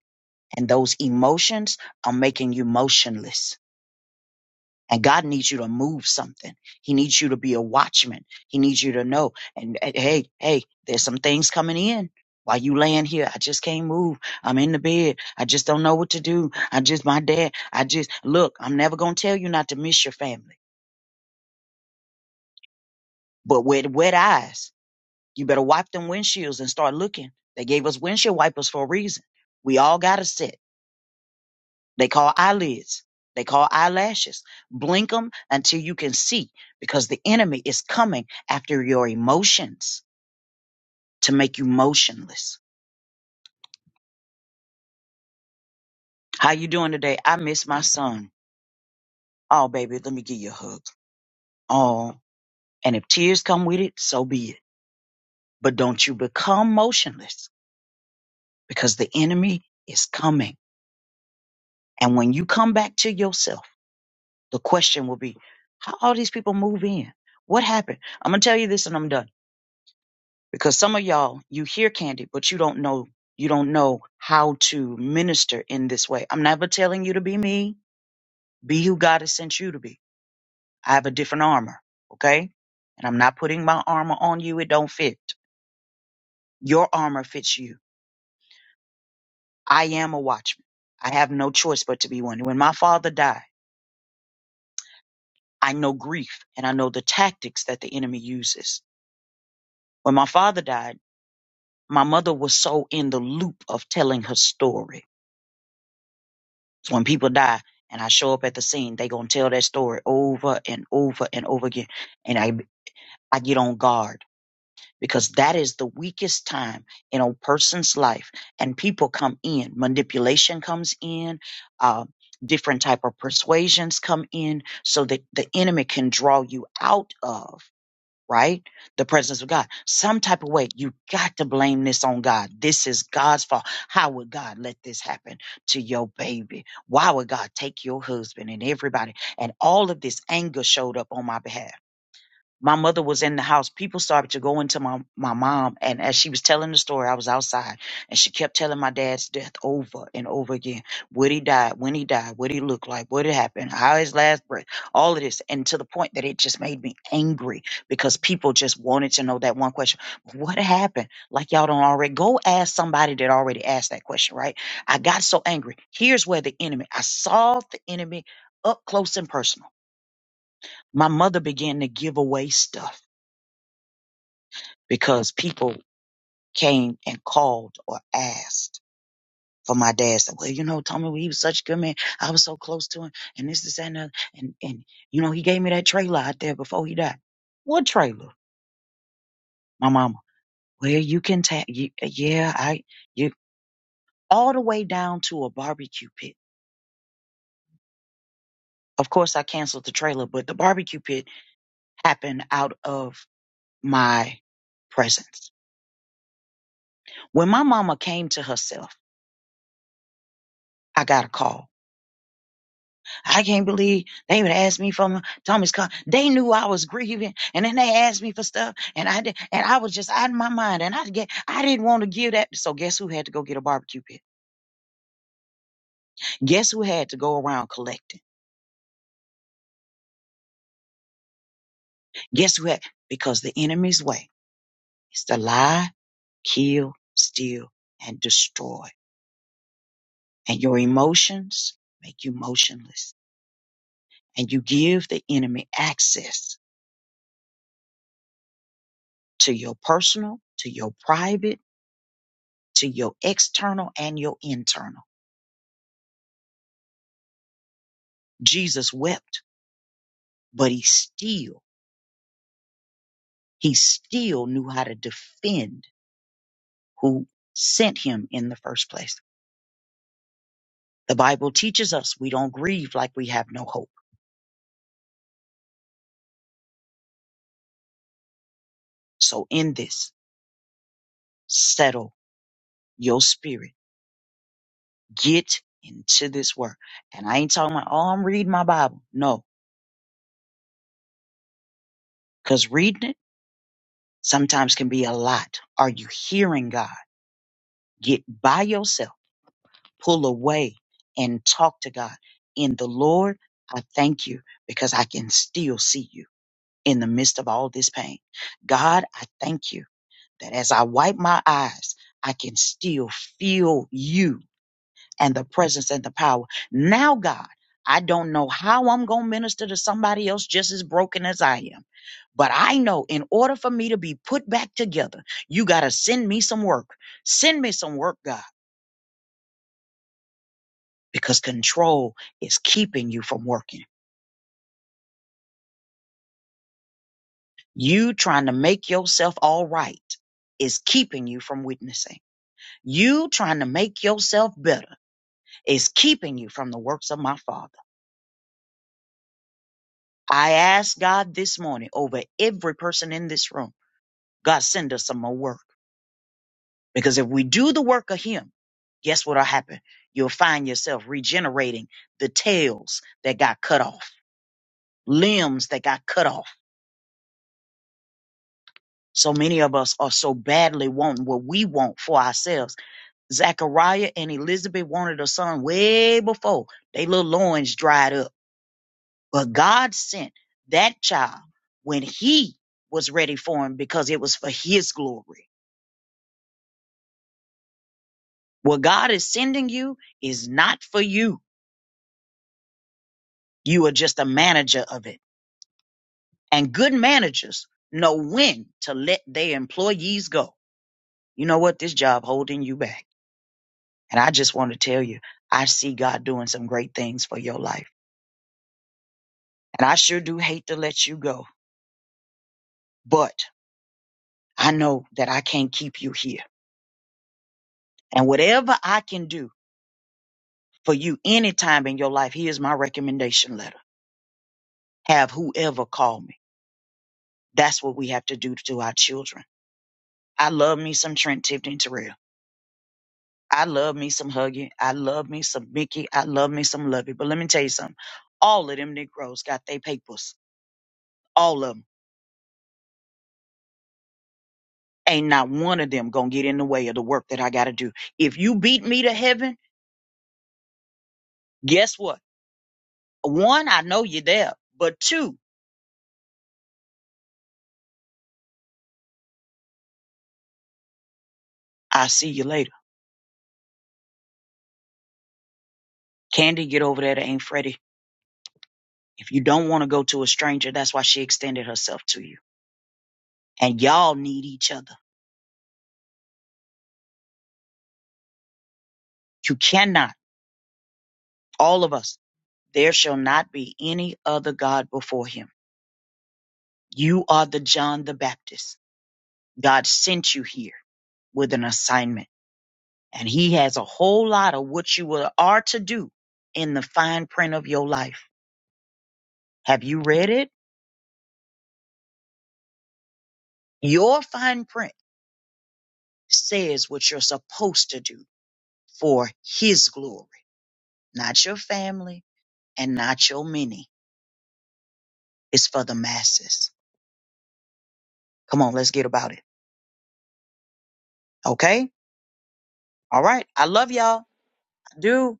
S6: And those emotions are making you motionless And God needs you to move something. He needs you to be a watchman. He needs you to know. And, and hey, hey, there's some things coming in. While you laying here, I just can't move. I'm in the bed. I just don't know what to do. I just my dad. I just look. I'm never gonna tell you not to miss your family. But with wet eyes, you better wipe them windshields and start looking. They gave us windshield wipers for a reason. We all got a set. They call eyelids. They call eyelashes. Blink them until you can see because the enemy is coming after your emotions to make you motionless. How you doing today? I miss my son. Oh, baby, let me give you a hug. Oh, and if tears come with it, so be it. But don't you become motionless because the enemy is coming. And when you come back to yourself, the question will be, how all these people move in? What happened? I'm going to tell you this and I'm done. because some of y'all you hear candid but you don't know you don't know how to minister in this way i'm never telling you to be me be who god has sent you to be i have a different armor okay and i'm not putting my armor on you it don't fit your armor fits you i am a watchman i have no choice but to be one when my father died i know grief and i know the tactics that the enemy uses when my father died my mother was so in the loop of telling her story when people die and I show up at the scene, they gonna tell that story over and over and over again. And I I get on guard because that is the weakest time in a person's life. And people come in, manipulation comes in, uh, different type of persuasions come in, so that the enemy can draw you out of right? The presence of God. Some type of way, you got to blame this on God. This is God's fault. How would God let this happen to your baby? Why would God take your husband and everybody? And all of this anger showed up on my behalf my mother was in the house. People started to go into my, my mom. And as she was telling the story, I was outside and she kept telling my dad's death over and over again. What he died, when he died, what he looked like, what had happened, how his last breath, all of this. And to the point that it just made me angry because people just wanted to know that one question. What happened? Like y'all don't already go ask somebody that already asked that question, right? I got so angry. Here's where the enemy, I saw the enemy up close and personal. My mother began to give away stuff because people came and called or asked for my dad. Said, well, you know, Tommy, well, he was such a good man. I was so close to him, and this, this, that, and that. And, and, you know, he gave me that trailer out there before he died. What trailer? My mama. Well, you can tap, yeah, I, you, all the way down to a barbecue pit. Of course, I canceled the trailer, but the barbecue pit happened out of my presence. When my mama came to herself, I got a call I can't believe they would ask me for my Thomas car. They knew I was grieving, and then they asked me for stuff, and I did, and I was just out of my mind, and I get, I didn't want to give that. So guess who had to go get a barbecue pit? Guess who had to go around collecting? Guess who had? Because the enemy's way is to lie, kill, steal, and destroy. And your emotions make you motionless, and you give the enemy access to your personal, to your private, to your external, and your internal Jesus wept, but he still, he still knew how to defend who sent him in the first place. The Bible teaches us we don't grieve like we have no hope. So in this, settle your spirit. Get into this work. And I ain't talking about, oh, I'm reading my Bible. No, because reading it sometimes can be a lot. Are you hearing God? Get by yourself pull away and talk to God. In the Lord, I thank you because I can still see you in the midst of all this pain. God, I thank you that as I wipe my eyes, I can still feel you and the presence and the power. Now, God, I don't know how I'm going to minister to somebody else just as broken as I am. But I know in order for me to be put back together, you got to send me some work. Send me some work, God because control is keeping you from working. You trying to make yourself all right is keeping you from witnessing. You trying to make yourself better is keeping you from the works of my Father. I ask God this morning over every person in this room, God, send us some more work. Because if we do the work of Him, guess what'll happen? You'll find yourself regenerating the tails that got cut off, limbs that got cut off So many of us are so badly wanting what we want for ourselves. Zachariah and Elizabeth wanted a son way before they little loins dried up. But God sent that child when he was ready for him because it was for his glory. What God is sending you is not for you. You are just a manager of it. And good managers know when to let their employees go. You know what? This job holding you back. And I just want to tell you, I see God doing some great things for your life. And I sure do hate to let you go, but I know that I can't keep you here. And whatever I can do for you anytime in your life, here's my recommendation letter. Have whoever call me. That's what we have to do to our children. I love me some Trent Tipton Terrell. I love me some Huggy. I love me some Mickey. I love me some Lovey. But let me tell you something. All of them Negroes got their papers. All of them. ain't not one of them gonna get in the way of the work that I gotta do. If you beat me to heaven, guess what? One, I know you're there, but two, I'll see you later. Candy, get over there to Aunt Freddie. If you don't want to go to a stranger, that's why she extended herself to you. And y'all need each other. You cannot, all of us, there shall not be any other God before him. You are the John the Baptist. God sent you here with an assignment. And he has a whole lot of what you will- are to do in the fine print of your life. Have you read it? Your fine print says what you're supposed to do for his glory, not your family and not your many. It's for the masses. Come on, let's get about it. Okay? All right. I love y'all. I do.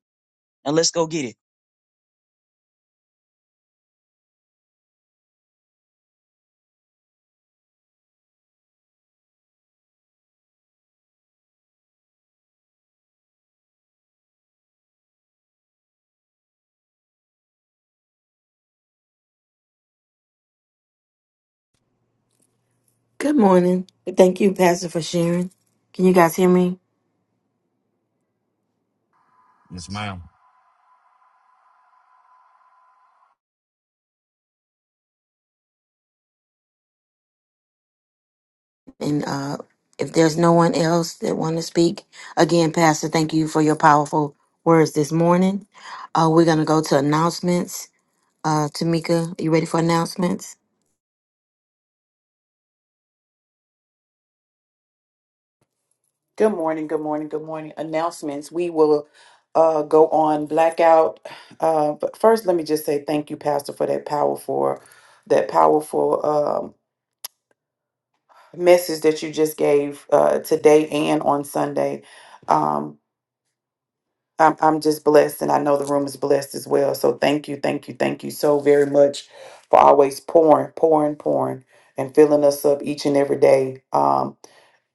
S6: Now let's go get it.
S1: Good morning. Thank you, Pastor, for sharing. Can you guys hear me?
S7: Yes, ma'am.
S1: And uh, if there's no one else that want to speak, again, Pastor, thank you for your powerful words this morning. Uh, we're going to go to announcements. Uh, Tamika, you ready for announcements?
S5: Good morning, good morning, good morning. Announcements. We will uh, go on blackout. Uh, but first, let me just say thank you, Pastor, for that powerful, that powerful um, message that you just gave uh, today and on Sunday. Um, I'm I'm just blessed, and I know the room is blessed as well. So thank you, thank you, thank you so very much for always pouring, pouring, pouring, and filling us up each and every day. Um,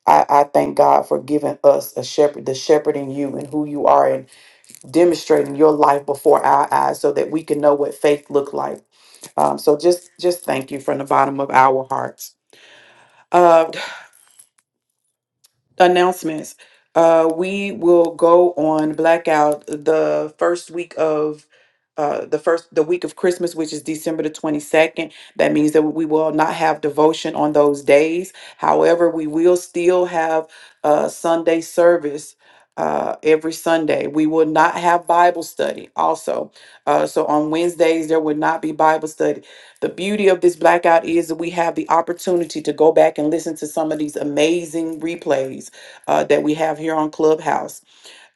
S5: I, I thank God for giving us a shepherd, the shepherd in you, and who you are, and demonstrating your life before our eyes, so that we can know what faith looked like. Um, so just just thank you from the bottom of our hearts. Uh, announcements. Uh, we will go on blackout the first week of uh, the first the week of Christmas, which is December the twenty second. That means that we will not have devotion on those days. However, we will still have uh, Sunday service. Uh, every Sunday, we will not have Bible study. Also, uh, so on Wednesdays there will not be Bible study the beauty of this blackout is that we have the opportunity to go back and listen to some of these amazing replays uh, that we have here on Clubhouse.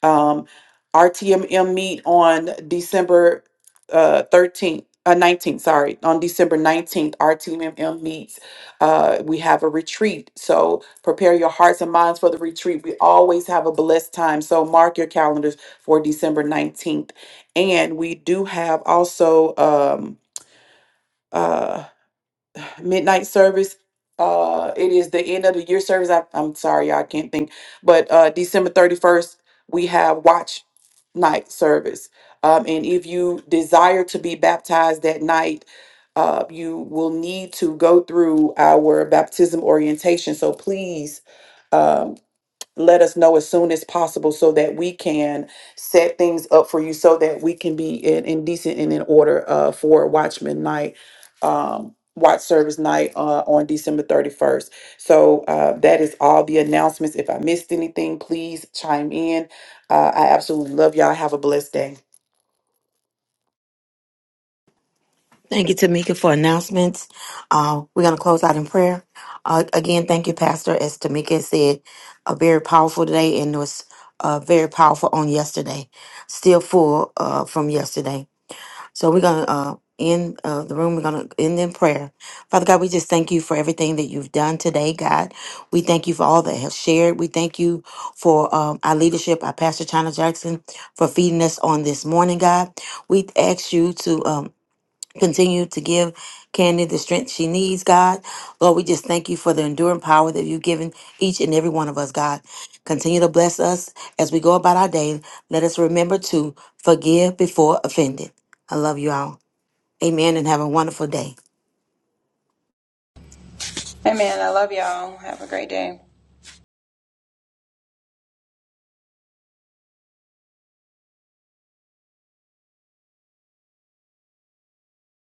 S5: Um, our TMM meet on December uh, 13th. Uh, 19th, sorry, on December 19th, our TMM meets. Uh, we have a retreat. So prepare your hearts and minds for the retreat. We always have a blessed time. So mark your calendars for December 19th. And we do have also um, uh, midnight service. Uh, it is the end of the year service. I, I'm sorry, y'all, I can't think. But uh, December 31st, we have watch night service. Um, and if you desire to be baptized that night, uh, you will need to go through our baptism orientation. So please um, let us know as soon as possible so that we can set things up for you so that we can be in, in decent and in order uh, for Watchman Night, um, Watch Service Night uh, on December 31st. So uh, that is all the announcements. If I missed anything, please chime in. Uh, I absolutely love y'all. Have a blessed day.
S1: Thank you, Tamika, for announcements. Uh, we're going to close out in prayer. Uh, again, thank you, Pastor. As Tamika said, uh, very powerful today and was uh, very powerful on yesterday. Still full uh, from yesterday. So we're going to uh, end uh, the room. We're going to end in prayer. Father God, we just thank you for everything that you've done today, God. We thank you for all that have shared. We thank you for um, our leadership, our Pastor China Jackson, for feeding us on this morning, God. We ask you to. Um, Continue to give Candy the strength she needs, God. Lord, we just thank you for the enduring power that you've given each and every one of us, God. Continue to bless us as we go about our day. Let us remember to forgive before offended. I love you all. Amen and have a wonderful day.
S4: Man, I love y'all. Have a great day.